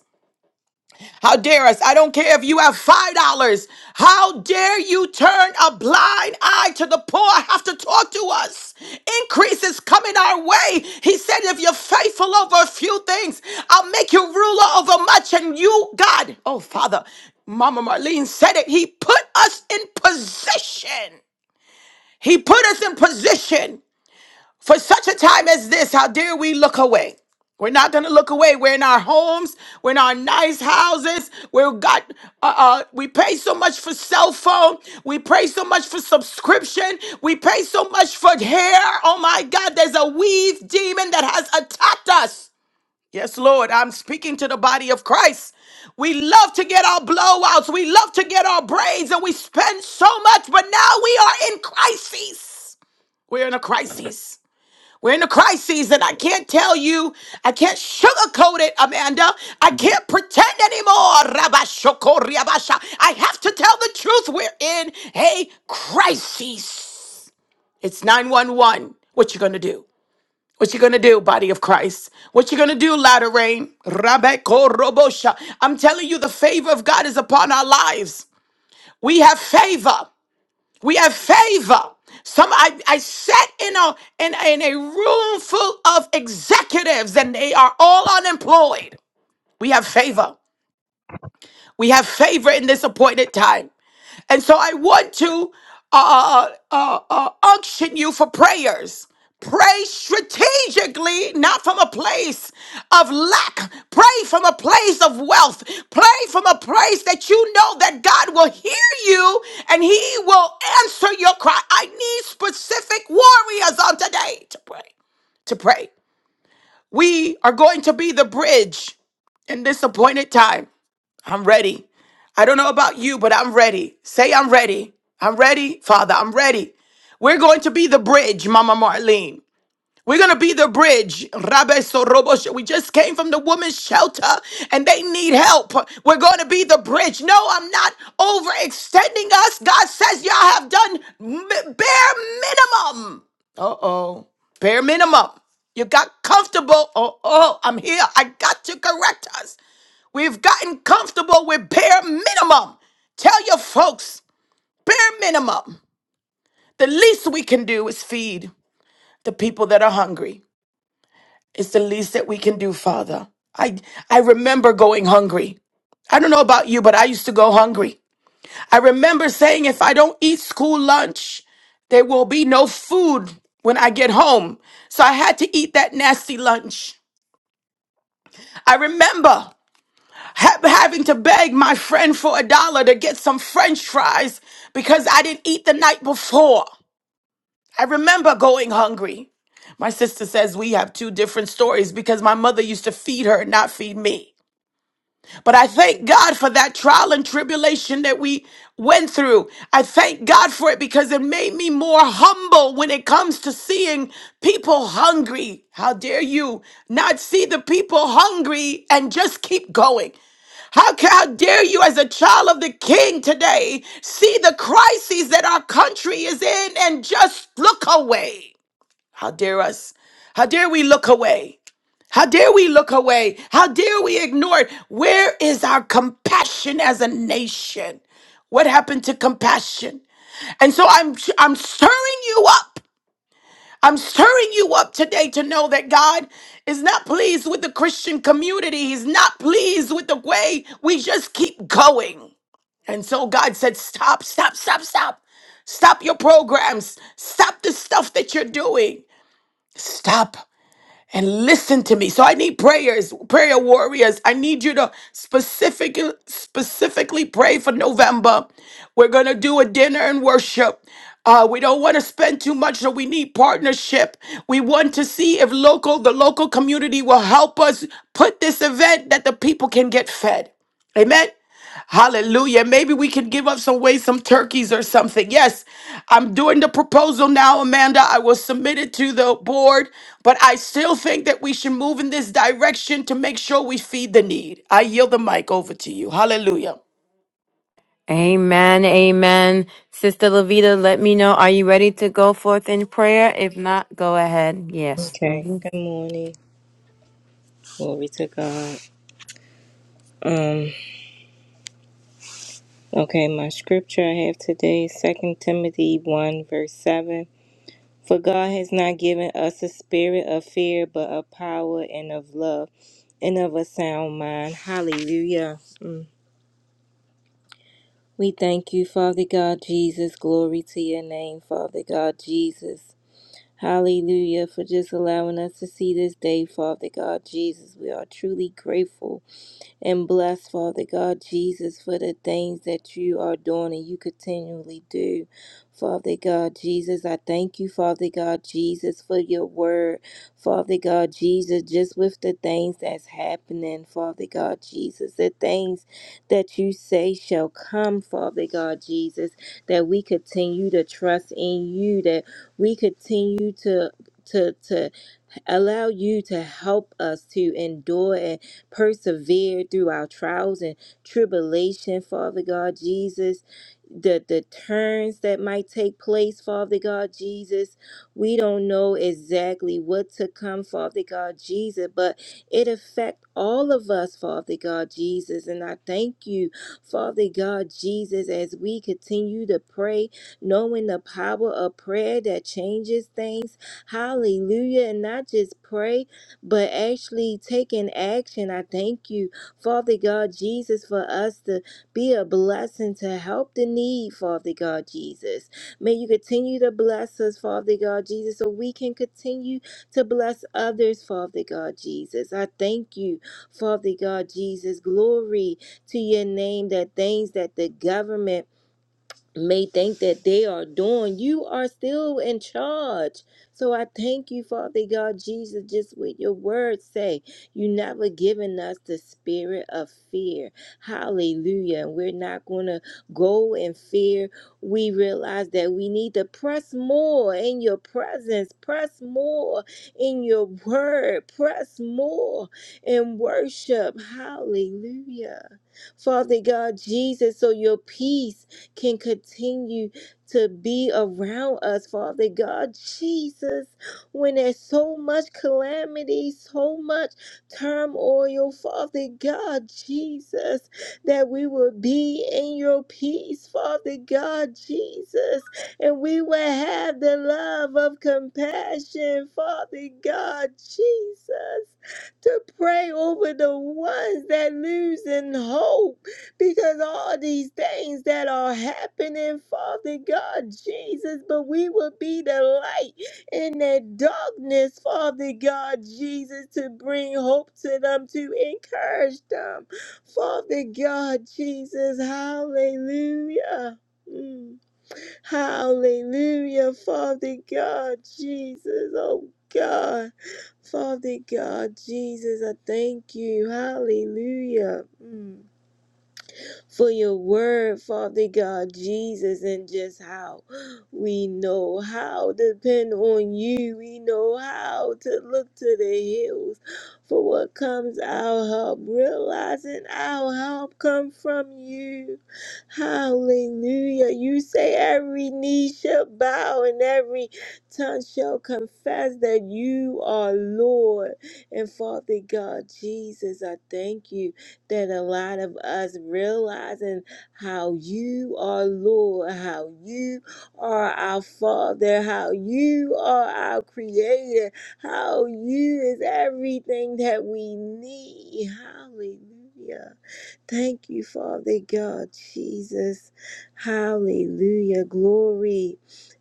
S4: How dare us? I don't care if you have five dollars. How dare you turn a blind eye to the poor? Have to talk to us. Increase is coming our way. He said, if you're faithful over a few things, I'll make you ruler over much. And you, God, oh Father, Mama Marlene said it. He put us in position. He put us in position. For such a time as this, how dare we look away? We're not going to look away. We're in our homes. We're in our nice houses. We've got, uh, uh, we pay so much for cell phone. We pay so much for subscription. We pay so much for hair. Oh my God, there's a weave demon that has attacked us. Yes, Lord, I'm speaking to the body of Christ. We love to get our blowouts. We love to get our braids and we spend so much, but now we are in crises. We're in a crisis. We're in the Christ season. I can't tell you. I can't sugarcoat it, Amanda. I can't pretend anymore. Rabashokoriabasha. I have to tell the truth. We're in a crisis. It's 911. What you gonna do? What you gonna do, body of Christ? What you gonna do, latter rain? Rabekorobosha. I'm telling you, the favor of God is upon our lives. We have favor. We have favor. Some I, I sat in a in, in a room full of executives and they are all unemployed. We have favor. We have favor in this appointed time. And so I want to uh, uh, uh, uh, uh, unction you for prayers. Pray strategically, not from a place of lack. Pray from a place of wealth. Pray from a place that you know that God will hear you and He will answer your cry. I need specific warriors on today to pray. To pray. We are going to be the bridge in this appointed time. I'm ready. I don't know about you, but I'm ready. Say, I'm ready. I'm ready, Father. I'm ready. We're going to be the bridge, Mama Marlene. We're going to be the bridge. Rabbe Sorobosha. We just came from the women's shelter and they need help. We're going to be the bridge. No, I'm not overextending us. God says y'all have done mi- bare minimum. Uh oh. Bare minimum. You got comfortable. Oh, oh, I'm here. I got to correct us. We've gotten comfortable with bare minimum. Tell your folks, bare minimum. The least we can do is feed the people that are hungry. It's the least that we can do, Father. I I remember going hungry. I don't know about you, but I used to go hungry. I remember saying if I don't eat school lunch, there will be no food when I get home. So I had to eat that nasty lunch. I remember ha- having to beg my friend for a dollar to get some french fries because I didn't eat the night before. I remember going hungry. My sister says we have two different stories because my mother used to feed her, not feed me. But I thank God for that trial and tribulation that we went through. I thank God for it because it made me more humble when it comes to seeing people hungry. How dare you not see the people hungry and just keep going? How, ca- how dare you, as a child of the king today, see the crises that our country is in and just look away? How dare us? How dare we look away? How dare we look away? How dare we ignore it? Where is our compassion as a nation? What happened to compassion? And so I'm I'm stirring you up. I'm stirring you up today to know that God is not pleased with the Christian community. He's not pleased with the way we just keep going. And so God said, stop, stop, stop, stop. Stop your programs. Stop the stuff that you're doing. Stop and listen to me. So I need prayers, prayer warriors. I need you to specific, specifically pray for November. We're going to do a dinner and worship. Uh, we don't want to spend too much, so we need partnership. We want to see if local, the local community will help us put this event that the people can get fed. Amen. Hallelujah. Maybe we can give up some way, some turkeys or something. Yes, I'm doing the proposal now, Amanda. I will submit it to the board, but I still think that we should move in this direction to make sure we feed the need. I yield the mic over to you. Hallelujah.
S1: Amen. Amen. Sister Levita, let me know. Are you ready to go forth in prayer? If not, go ahead. Yes.
S5: Okay.
S1: hmm
S5: Good morning. Glory to God. Um, okay, my scripture I have today is Second Timothy 1, verse 7. For God has not given us a spirit of fear, but of power and of love and of a sound mind. Hallelujah. Mm. We thank you, Father God Jesus. Glory to your name, Father God Jesus. Hallelujah, for just allowing us to see this day, Father God Jesus. We are truly grateful. and bless, Father God, Jesus, for the things that you are doing and you continually do. Father God, Jesus, I thank you, Father God, Jesus, for your word. Father God, Jesus, just with the things that's happening, Father God, Jesus, the things that you say shall come, Father God, Jesus, that we continue to trust in you, that we continue to. to to Allow you to help us to endure and persevere through our trials and tribulation, Father God Jesus. The, the turns that might take place, Father God Jesus. We don't know exactly what to come, Father God Jesus, but it affect all of us, Father God Jesus. And I thank you, Father God Jesus, as we continue to pray, knowing the power of prayer that changes things Hallelujah. And not just pray, but actually taking action. I thank you, Father God Jesus, for us to be a blessing to help the need, Father God Jesus. May you continue to bless us, Father God Jesus, so we can continue to bless others, Father God Jesus. I thank you, Father God Jesus. Glory to your name that things that the government may think that they are doing, you are still in charge. So I thank you, Father God, Jesus, just with your words say, you never given us the spirit of fear. Hallelujah. And we're not going to go in fear. We realize that we need to press more in your presence, press more in your word, press more in worship. Hallelujah. Father God Jesus, so your peace can continue to be around us, Father God Jesus. When there's so much calamity, so much turmoil, Father God Jesus, that we will be in your peace, Father God Jesus, and we will have the love of compassion, Father God Jesus to pray over the ones that lose in hope because all these things that are happening, Father God, Jesus, but we will be the light in that darkness, Father God, Jesus, to bring hope to them, to encourage them. Father God, Jesus, hallelujah. Mm. Hallelujah, Father God, Jesus, oh God. Father God, Jesus, I thank you. Hallelujah. Mm for your word, Father God, Jesus, and just how we know how to depend on you. We know how to look to the hills for what comes our help, realizing our help come from you. Hallelujah. You say every knee shall bow and every tongue shall confess that you are Lord. And Father God, Jesus, I thank you that a lot of us realizing how you are Lord, how you are our Father, how you are our Creator, how you is everything that we need. Hallelujah. Thank you, Father God, Jesus. Hallelujah. Glory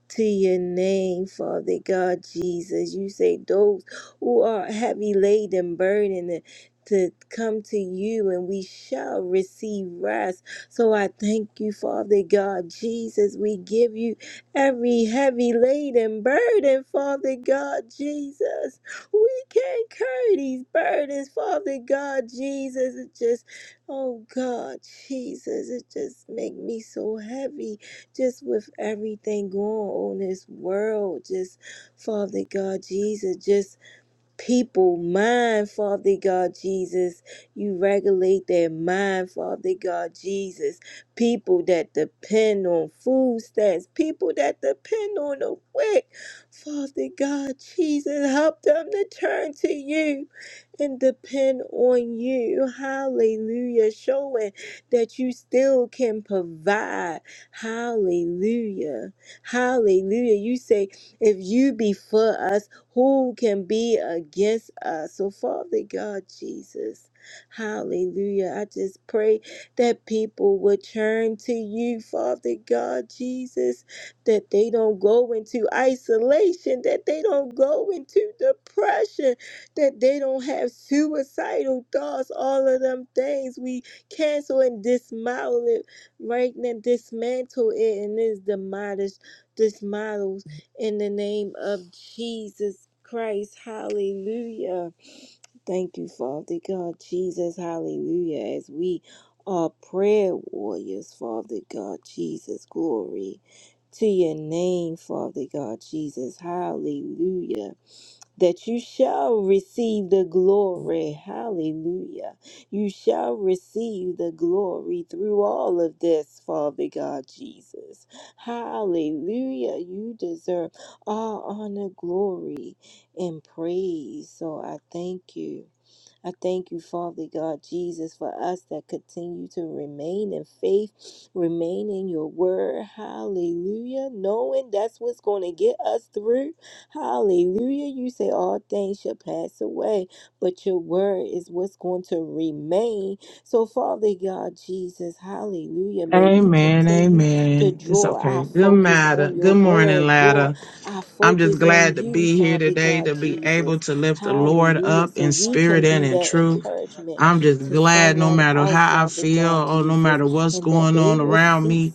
S5: to your name, Father God, Jesus. You say those who are heavy laden, burdened, to come to you and we shall receive rest. So I thank you, Father God, Jesus. We give you every heavy laden burden, Father God, Jesus. We can't carry these burdens, Father God, Jesus. It's just Oh God, Jesus, it just make me so heavy just with everything going on in this world. Just Father God Jesus, just people mind, Father God Jesus. You regulate their mind, Father God Jesus. People that depend on food stamps, people that depend on the wick. Father God Jesus, help them to turn to you and depend on you. Hallelujah. Showing that you still can provide. Hallelujah. Hallelujah. You say, if you be for us, who can be against us? So, Father God, Jesus. Hallelujah. I just pray that people would turn to you, Father God, Jesus, that they don't go into isolation, that they don't go into depression, that they don't have suicidal thoughts, all of them things. We cancel and dismantle it right now, dismantle it and it's demolished, dismantles in the name of Jesus Christ. Hallelujah. Thank you, Father God, Jesus. Hallelujah. As we are prayer warriors, Father God, Jesus, glory to your name, Father God, Jesus. Hallelujah that you shall receive the glory. Hallelujah. You shall receive the glory through all of this, Father God Jesus. Hallelujah. You deserve all honor, glory, and praise. So I thank you. I thank you, Father God Jesus, for us that continue to remain in faith, remain in your word. Hallelujah. Knowing that's what's going to get us through. Hallelujah. You say all things shall pass away, but your word is what's going to remain. So, Father God Jesus, hallelujah. May we
S6: Amen.
S5: continue to
S6: Amen. It's
S5: draw
S6: okay.
S5: our
S6: Good
S5: focus
S6: matter.
S5: on your
S6: Good morning,
S5: word, draw
S6: Ladder.
S5: our
S6: I'm just
S5: focus on
S6: glad to
S5: you,
S6: be here
S5: Father
S6: today to
S5: God
S6: be
S5: Jesus.
S6: able to lift the Lord
S5: Hallelujah.
S6: up
S5: So
S6: in
S5: we
S6: spirit
S5: can
S6: and
S5: be
S6: in
S5: that
S6: truth.
S5: encouragement
S6: I'm just
S5: to
S6: glad no
S5: someone
S6: matter
S5: else,
S6: how I
S5: Father
S6: feel
S5: God
S6: or no
S5: Jesus,
S6: matter what's
S5: and that
S6: going
S5: they
S6: on
S5: would
S6: around
S5: seek
S6: me,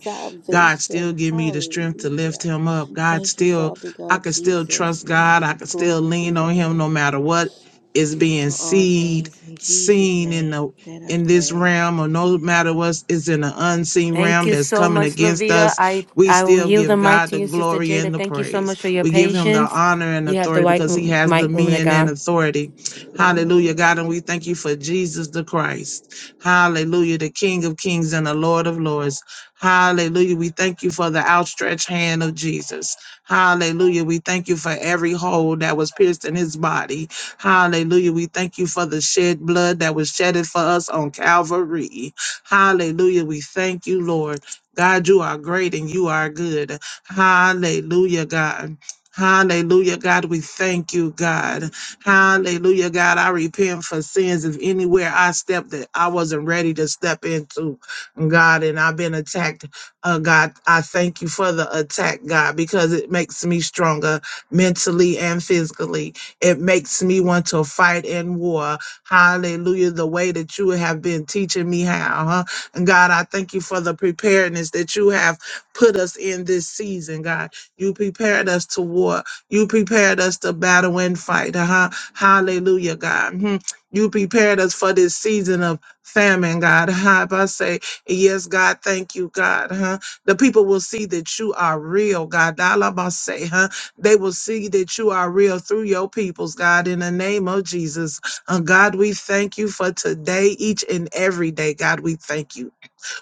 S6: God still give me the strength to lift
S5: Hallelujah.
S6: him up. God
S5: Thank you,
S6: still
S5: Father
S6: I
S5: God
S6: can still
S5: Jesus.
S6: trust God. I can still
S5: Glory to
S6: lean
S5: your
S6: on him no
S5: name
S6: matter what is being
S5: for all
S6: seed
S5: things. In Jesus'
S6: seen in
S5: name
S6: the
S5: that I
S6: in this
S5: pray.
S6: realm or no
S5: Amen.
S6: matter what is in the unseen
S1: Thank
S6: realm
S1: you
S6: that's
S1: so
S6: coming
S1: much,
S6: against
S1: Levita. I,
S6: us, we
S1: I will
S6: still
S1: yield the
S6: give
S1: mic
S6: God
S1: to
S6: the
S1: you, Sister
S6: glory and
S1: Jada.
S6: the
S1: Thank you so
S6: praise.
S1: much for your
S6: We give him the
S1: patience.
S6: honor and
S1: You have the
S6: authority
S1: white
S6: because he
S1: m-
S6: has
S1: mic, woman of
S6: dominion and
S1: God.
S6: authority. Hallelujah, God. And we thank you for Jesus the Christ. Hallelujah, the King of kings and the Lord of lords. Hallelujah. We thank you for the outstretched hand of Jesus. Hallelujah. We thank you for every hole that was pierced in his body. Hallelujah. We thank you for the shed blood that was shedded for us on Calvary. Hallelujah. We thank you, Lord. God, you are great and you are good. Hallelujah, God. Hallelujah, God. We thank you, God. Hallelujah, God. I repent for sins if anywhere I stepped that I wasn't ready to step into, God, and I've been attacked. Uh, God, I thank you for the attack, God, because it makes me stronger mentally and physically. It makes me want to fight in war. Hallelujah, the way that you have been teaching me how, huh? And God, I thank you for the preparedness that you have put us in this season, God. You prepared us to war. You prepared us to battle and fight. Uh-huh. Hallelujah, God. Mhm. You prepared us for this season of famine, God. *laughs* Uh-huh. If I say, yes, God, thank you, God. Huh? The people will see that you are real, God. Dalabase, huh? They will see that you are real through your peoples, God, in the name of Jesus. Uh, God, we thank you for today, each and every day. God, we thank you.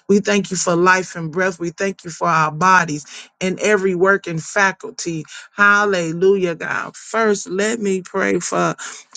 S6: We thank you for life and breath. We thank you for our bodies and every working faculty. Hallelujah, God. First, let me pray for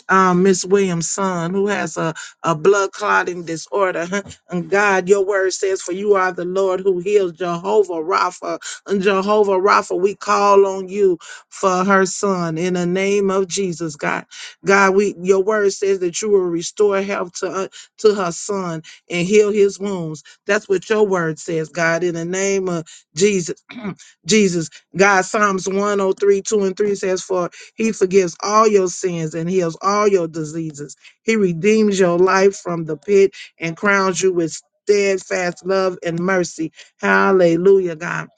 S6: um, Miss Williams' son who has a, a blood clotting disorder. huh? And God, your word says, For you are the Lord who heals Jehovah Rapha. And Jehovah Rapha, we call on you for her son in the name of Jesus, God. God, we your word says that you will restore health to, uh, to her son and heal his wounds. That's what your word says, God. In the name of Jesus, *clears throat* Jesus, God, Psalms one, oh three, two and 3 says, For he forgives all your sins and heals all your diseases. He redeems your life from the pit and crowns you with steadfast love and mercy. Hallelujah, God.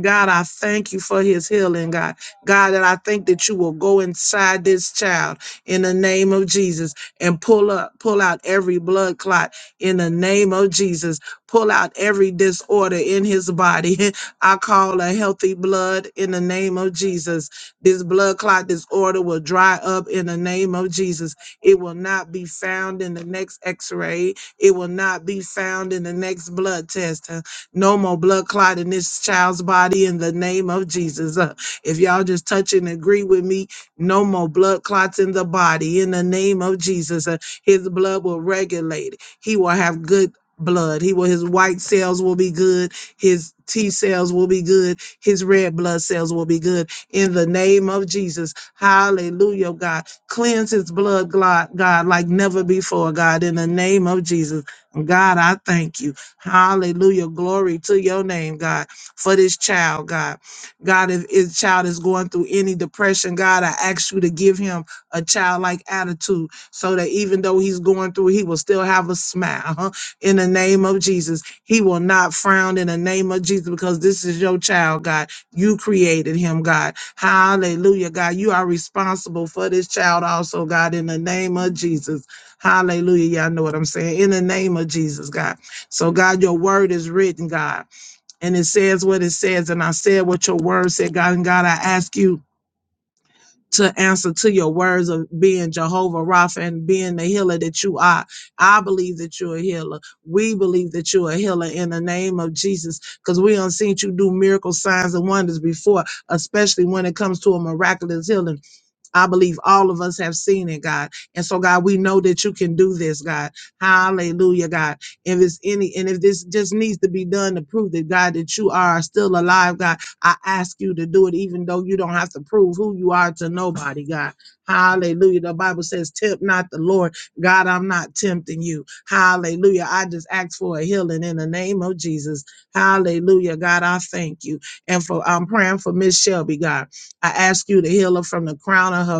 S6: God, I thank you for his healing, God. God, and I think that you will go inside this child in the name of Jesus and pull up, pull out every blood clot in the name of Jesus pull out every disorder in his body. *laughs* I call a healthy blood in the name of Jesus. This blood clot disorder will dry up in the name of Jesus. It will not be found in the next x ray, it will not be found in the next blood test. *laughs* Uh, No more blood clot in this child's body in the name of Jesus. *laughs* Uh, If y'all just touch and agree with me, no more blood clots in the body in the name of Jesus. *laughs* Uh, His blood will regulate, he will have good blood. He will his white cells will be good, his T cells will be good, his red blood cells will be good. In the name of Jesus. Hallelujah, God. Cleanse his blood, God, God, like never before, God, in the name of Jesus. God, I thank you. Hallelujah. Glory to your name, God, for this child, God. God, if his child is going through any depression, God, I ask you to give him a childlike attitude so that even though he's going through, he will still have a smile. *laughs* in the name of Jesus. He will not frown in the name of Jesus because this is your child, God. You created him, God. Hallelujah, God. You are responsible for this child also, God, in the name of Jesus. Hallelujah. Y'all know what I'm saying. In the name of Jesus, God. So, God, your word is written, God, and it says what it says. And I said what your word said, God. And God, I ask you to answer to your words of being Jehovah Rapha and being the healer that you are. I believe that you're a healer. We believe that you're a healer in the name of Jesus because we have seen you do miracle signs and wonders before, especially when it comes to a miraculous healing. I believe all of us have seen it, God. And so, God, we know that you can do this, God. Hallelujah, God. If it's any, and if this just needs to be done to prove that, God, that you are still alive, God, I ask you to do it, even though you don't have to prove who you are to nobody, God. Hallelujah. The Bible says, tempt not the Lord. God, I'm not tempting you. Hallelujah. I just ask for a healing in the name of Jesus. Hallelujah. God, I thank you. And for I'm praying for Miss Shelby, God. I ask you to heal her from the crown of her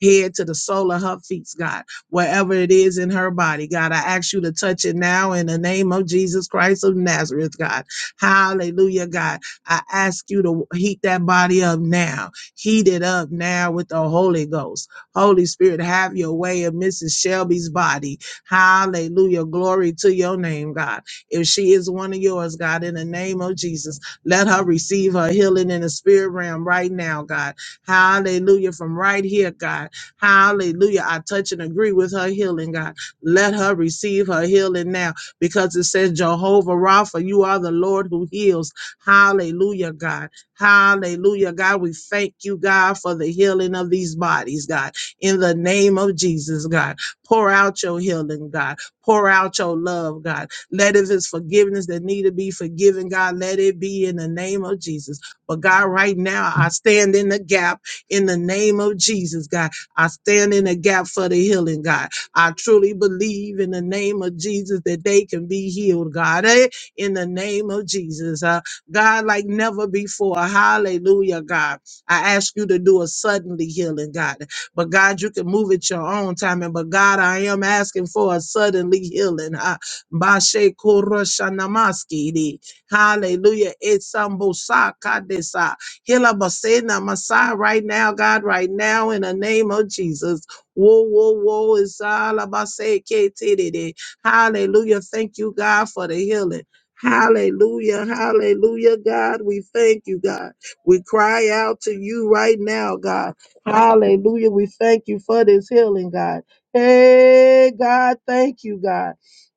S6: head to the sole of her feet, God, wherever it is in her body, God. I ask you to touch it now in the name of Jesus Christ of Nazareth, God. Hallelujah, God. I ask you to heat that body up now. Heat it up now with the Holy Ghost. Holy Spirit, have your way in Mrs. Shelby's body. Hallelujah. Glory to your name, God. If she is one of yours, God, in the name of Jesus. Let her receive her healing in the spirit realm right now, God. Hallelujah. From right here, God. Hallelujah. I touch and agree with her healing, God. Let her receive her healing now because it says, Jehovah Rapha, you are the Lord who heals. Hallelujah, God. Hallelujah, God. We thank you, God, for the healing of these bodies, God. In the name of Jesus, God. Pour out your healing, God. Pour out your love, God let if it's forgiveness that need to be forgiven, God, let it be in the name of Jesus. But God, right now, I stand in the gap in the name of Jesus, God. I stand in the gap for the healing, God. I truly believe in the name of Jesus that they can be healed, God. Eh? In the name of Jesus, uh, God, like never before. Hallelujah, God. I ask you to do a suddenly healing, God. But God, you can move at your own time. And but God, I am asking for a suddenly healing. uh, Bashe Koroshanamaskidi. Hallelujah. Esambosaka desa. Hila basena masai right now, God, right now, in the name of Jesus. Whoa, whoa, whoa. It's all about say, K-T-D-D. Hallelujah. Thank you, God, for the healing. Hallelujah. Hallelujah, God. We thank you, God. We cry out to you right now, God. Hallelujah. We thank you for this healing, God. Hey, God, thank you, God.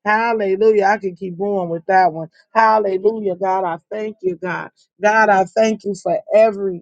S6: Hallelujah. I can keep going with that one. Hallelujah, God. I thank you, God. God, I thank you for every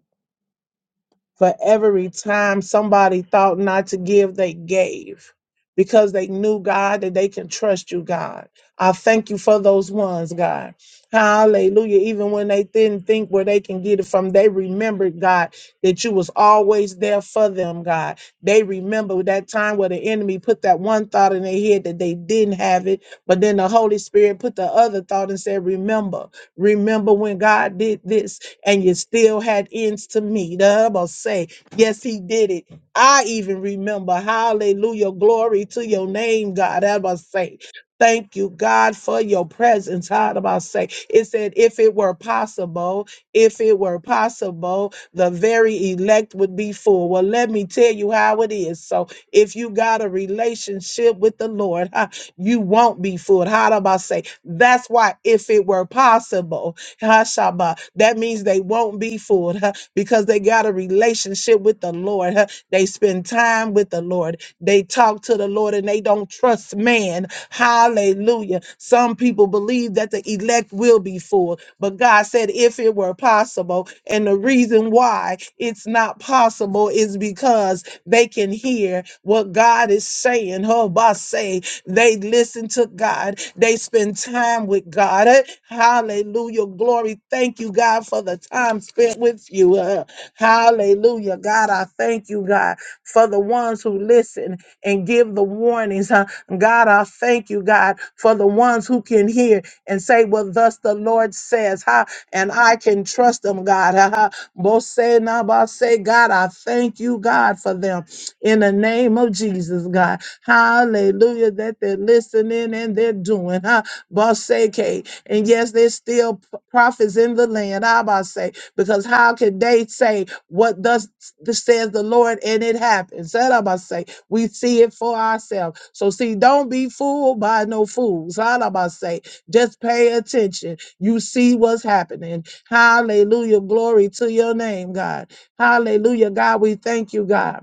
S6: for every time somebody thought not to give, they gave because they knew God that they can trust you, God. I thank you for those ones, God. Hallelujah. Even when they didn't think where they can get it from, they remembered, God, that you was always there for them, God. They remember that time where the enemy put that one thought in their head that they didn't have it, but then the Holy Spirit put the other thought and said, Remember, remember when God did this and you still had ends to meet. I'm going to say, yes, he did it. I even remember, hallelujah, glory to your name, God. I'm going to say, thank you, God, for your presence. I'm going to say, it said, if it were possible, if it were possible, the very elect would be full. Well, let me tell you how it is. So if you got a relationship with the Lord, *laughs* you won't be fooled. How do I say? That's why if it were possible, Hashaba, that means they won't be fooled huh, because they got a relationship with the Lord. huh. They spend time with the Lord. They talk to the Lord and they don't trust man. Hallelujah. Some people believe that the elect will be fooled, but God said if it were possible. And the reason why it's not possible is because they can hear what God is saying. Oh, boss, say they listen to God. They spend time with God. Eh, Hallelujah. Glory. Thank you, God, for the time spent with you. Uh, hallelujah. God, I thank you, God, for the ones who listen and give the warnings. huh? God, I thank you, God, for the ones who can hear and say, Well, thus the Lord says, ha, and I can trust them, God. Ha, ha. Both say, now, but say, God, I thank you, God, for them in the name of Jesus, God. Hallelujah. That they're listening and they're doing. Huh? Boseke. And yes, there's still p- prophets in the land. I say, because how can they say what thus th- says the Lord and it happens? That I say. We see it for ourselves. So see, don't be fooled by no fools. All I say, just pay attention. You see what's happening. Hallelujah. Glory to your name, God. Hallelujah. God, we thank you, God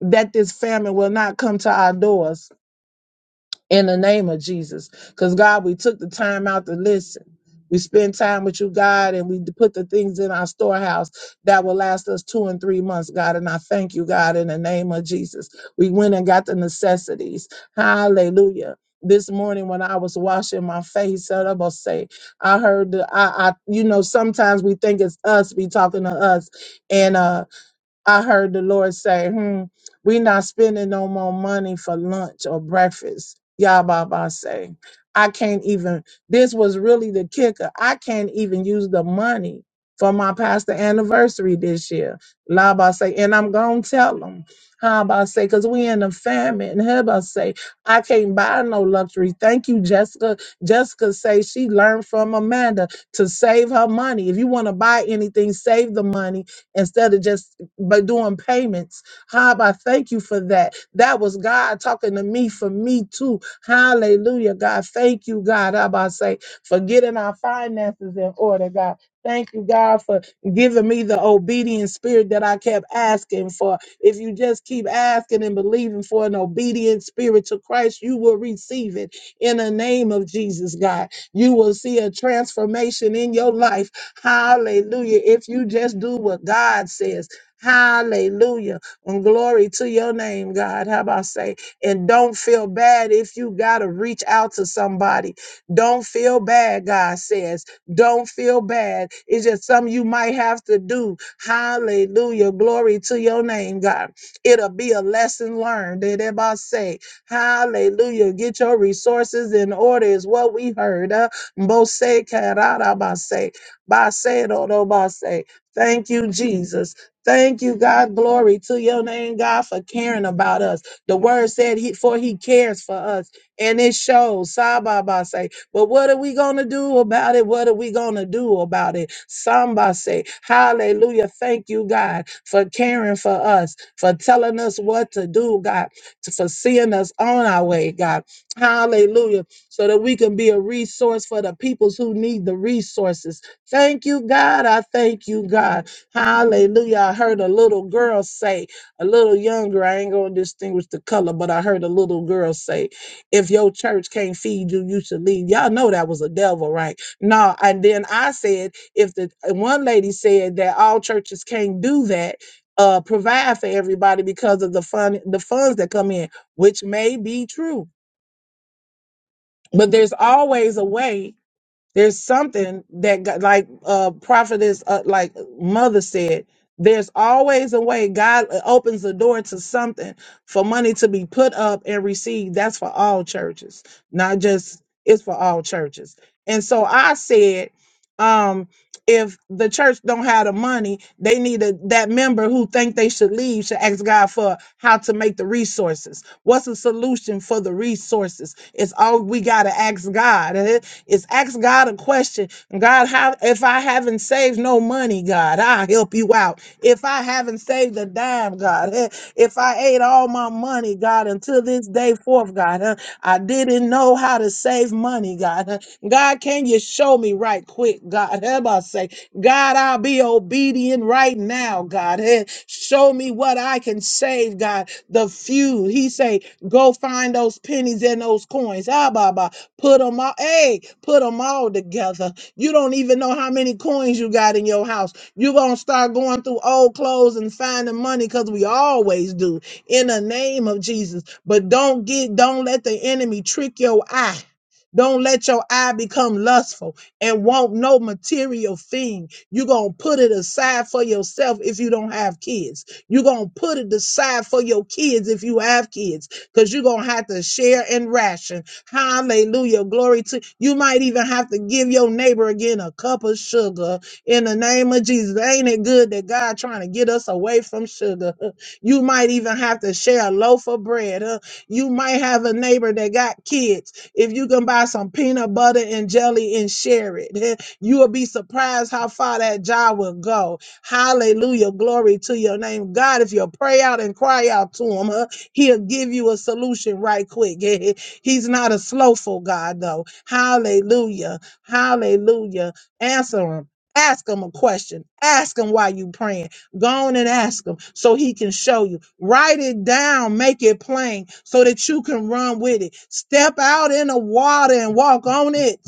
S6: that this famine will not come to our doors in the name of Jesus. Because God, we took the time out to listen. We spend time with you, God, and we put the things in our storehouse that will last us two and three months, God. And I thank you, God, in the name of Jesus. We went and got the necessities. Hallelujah. This morning when I was washing my face, I almost say, I heard the I, I you know, sometimes we think it's us be talking to us. and uh. I heard the Lord say, hmm, we not spending no more money for lunch or breakfast. Yah bah say. I can't even, this was really the kicker. I can't even use the money for my pastor anniversary this year. La bah say, and I'm gonna tell them. How about say, cause we in a famine. How about say, I can't buy no luxury. Thank you, Jessica. Jessica say she learned from Amanda to save her money. If you want to buy anything, save the money instead of just by doing payments. Hab, I thank you for that. That was God talking to me for me too. Hallelujah, God. Thank you, God. Hab, I say, for getting our finances in order, God. Thank you, God, for giving me the obedient spirit that I kept asking for. If you just keep asking and believing for an obedient spirit to Christ, you will receive it in the name of Jesus, God. You will see a transformation in your life. Hallelujah. If you just do what God says. Hallelujah. And glory to your name, God. How about say? And don't feel bad if you got to reach out to somebody. Don't feel bad, God says. Don't feel bad. It's just something you might have to do. Hallelujah. Glory to your name, God. It'll be a lesson learned. Did about say? Hallelujah. Get your resources in order is what we heard. Uh, Mbose karara base. Base do do base. Thank you, Jesus. Thank you, God. Glory to your name, God, for caring about us. The word said he for he cares for us. And it shows. Sababa say. But what are we gonna do about it? What are we gonna do about it? Samba say, Hallelujah. Thank you, God, for caring for us, for telling us what to do, God, to- for seeing us on our way, God. Hallelujah. So that we can be a resource for the peoples who need the resources. Thank you, God. I thank you, God. Hallelujah. I heard a little girl say, a little younger, I ain't going to distinguish the color, but I heard a little girl say, if your church can't feed you, you should leave. Y'all know that was a devil, right? No. And then I said, if the one lady said that all churches can't do that, uh, provide for everybody because of the fun, the funds that come in, which may be true, but there's always a way there's something that, God, like uh, prophetess, uh, like mother said, there's always a way. God uh, opens the door to something for money to be put up and received. That's for all churches, not just it's for all churches. And so I said, um, if the church don't have the money, they need a, that member who think they should leave should ask God for how to make the resources. What's the solution for the resources? It's all we gotta ask God. *laughs* is ask God a question. God, how if I haven't saved no money, God, I'll help you out. If I haven't saved a dime, God, *laughs* eh, if I ate all my money, God, until this day forth, God, *laughs* eh, I didn't know how to save money, God. *laughs* eh. God, can you show me right quick, God? *laughs* Help us say, God, I'll be obedient right now, God. *laughs* eh. Show me what I can save, God. The few. He say, go find those pennies and those coins. Ah, Baba. Put them all, hey, put them all together. You don't even know how many coins you got in your house. You're going to start going through old clothes and finding money because we always do in the name of Jesus. But don't get, don't let the enemy trick your eye. Don't let your eye become lustful and want no material thing. You're going to put it aside for yourself if you don't have kids. You're going to put it aside for your kids if you have kids because you're going to have to share and ration Hallelujah. Glory to you. Might even have to give your neighbor again a cup of sugar in the name of Jesus. Ain't it good that God trying to get us away from sugar? *laughs* You might even have to share a loaf of bread. huh? You might have a neighbor that got kids. If you can buy some peanut butter and jelly and share it, *laughs* eh, you will be surprised how far that jar will go. Hallelujah. Glory to your name. God, if you pray out and cry out to him, huh, he'll give you a solution right quick. *laughs* He's not a slowful God, though. Hallelujah. Hallelujah. Answer him. Ask him a question. Ask him why you praying. Go on and ask him so he can show you. Write it down, make it plain so that you can run with it. Step out in the water and walk on it.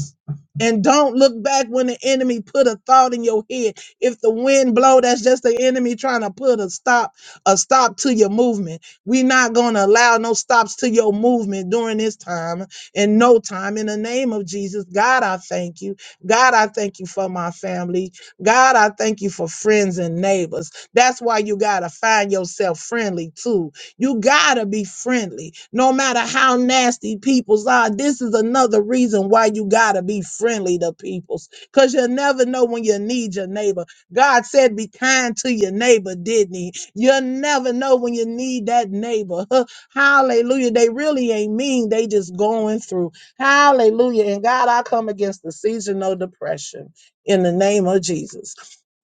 S6: And don't look back when the enemy put a thought in your head. If the wind blow, that's just the enemy trying to put a stop, a stop to your movement. We're not going to allow no stops to your movement during this time and no time. In the name of Jesus, God, I thank you. God, I thank you for my family. God, I thank you for friends and neighbors. That's why you got to find yourself friendly too. You got to be friendly. No matter how nasty peoples are, this is another reason why you got to be friendly to peoples because you never know when you need your neighbor. God said, be kind to your neighbor, didn't he? You'll never know when you need that neighbor. *laughs* Hallelujah. They really ain't mean. They just going through. Hallelujah. And God, I come against the seasonal depression in the name of Jesus.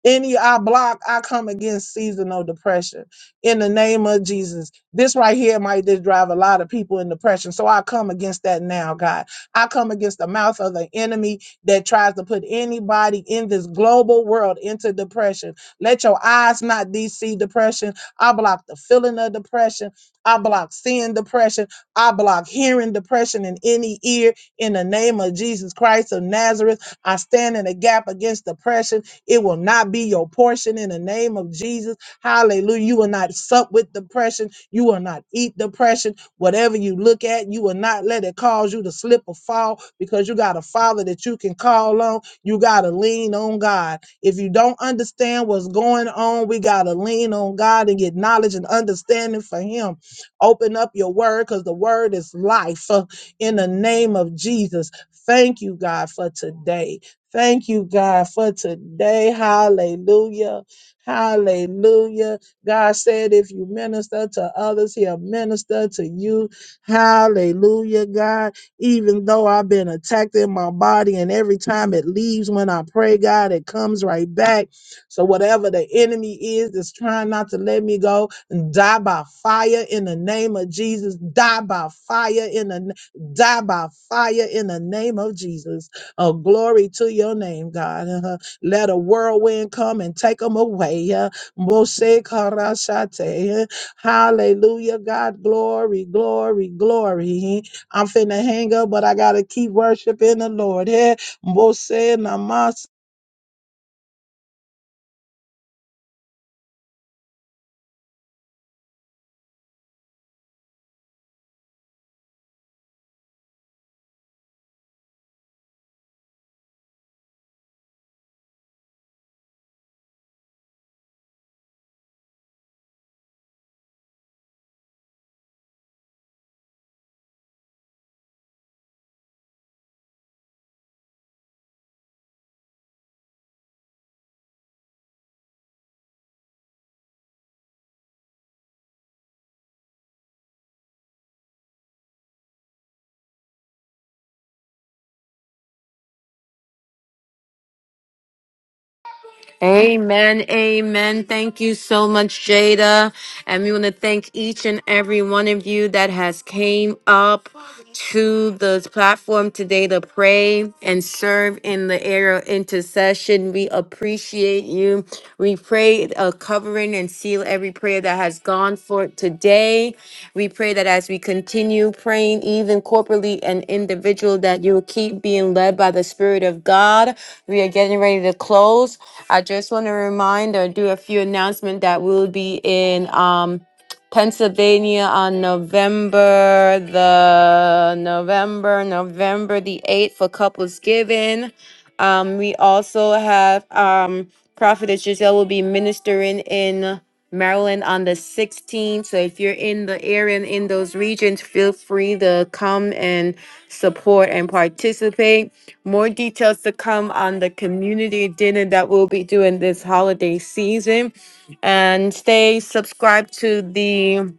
S6: Any I block, I come against seasonal depression in the name of Jesus. This right here might just drive a lot of people in depression. So I come against that now, God. I come against the mouth of the enemy that tries to put anybody in this global world into depression let your eyes not be see depression. I block the feeling of depression. I block seeing depression. I block hearing depression in any ear in the name of Jesus Christ of Nazareth. I stand in the gap against depression. It will not be your portion in the name of Jesus. Hallelujah. You will not sup with depression. You will not eat depression. Whatever you look at, you will not let it cause you to slip or fall because you got a father that you can call on. You got to lean on God. If you don't understand what's going on, we got to lean on God and get knowledge and understanding for Him. Open up your word because the word is life uh, in the name of Jesus. Thank you, God, for today. Thank you, God, for today. Hallelujah. Hallelujah. God said, if you minister to others, He'll minister to you. Hallelujah, God even though I've been attacked in my body, and every time it leaves when I pray, God, it comes right back. So, whatever the enemy is that's trying not to let me go, die by fire in the name of Jesus, die by fire in the die by fire in the name of Jesus. Oh, glory to your name, God. Uh-huh. Let a whirlwind come and take them away. Uh, Mose Karashate. uh. Hallelujah, God. Glory, glory, glory. I'm finna hang up, but I gotta keep worshiping the Lord. *laughs* Hey, Mbose,
S1: Amen. Amen. Thank you so much, Jada. And we want to thank each and every one of you that has came up. to the platform today to pray and serve in the area of intercession. We appreciate you. We pray a covering and seal every prayer that has gone forth today. We pray that as we continue praying, even corporately and individual, that you will keep being led by the Spirit of God. We are getting ready to close. I just want to remind or do a few announcements that we'll be in. Um, Pennsylvania on November the November November the eighth for couples giving. Um, we also have um, Prophetess Giselle will be ministering in Maryland on the sixteenth. So if you're in the area and in those regions, feel free to come and support and participate. More details to come on the community dinner that we'll be doing this holiday season and stay subscribed to the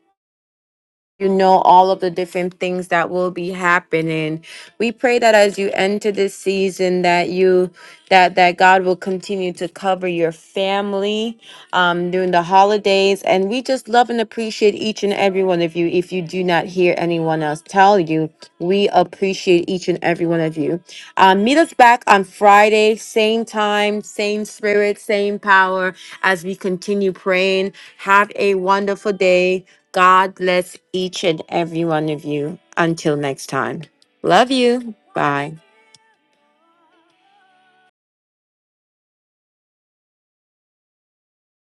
S1: you know all of the different things that will be happening we pray that as you enter this season that you that that god will continue to cover your family um, during the holidays and we just love and appreciate each and every one of you if you do not hear anyone else tell you we appreciate each and every one of you uh, meet us back on Friday, same time, same spirit, same power, as we continue praying. Have a wonderful day. God bless each and every one of you. Until next time. Love you. Bye.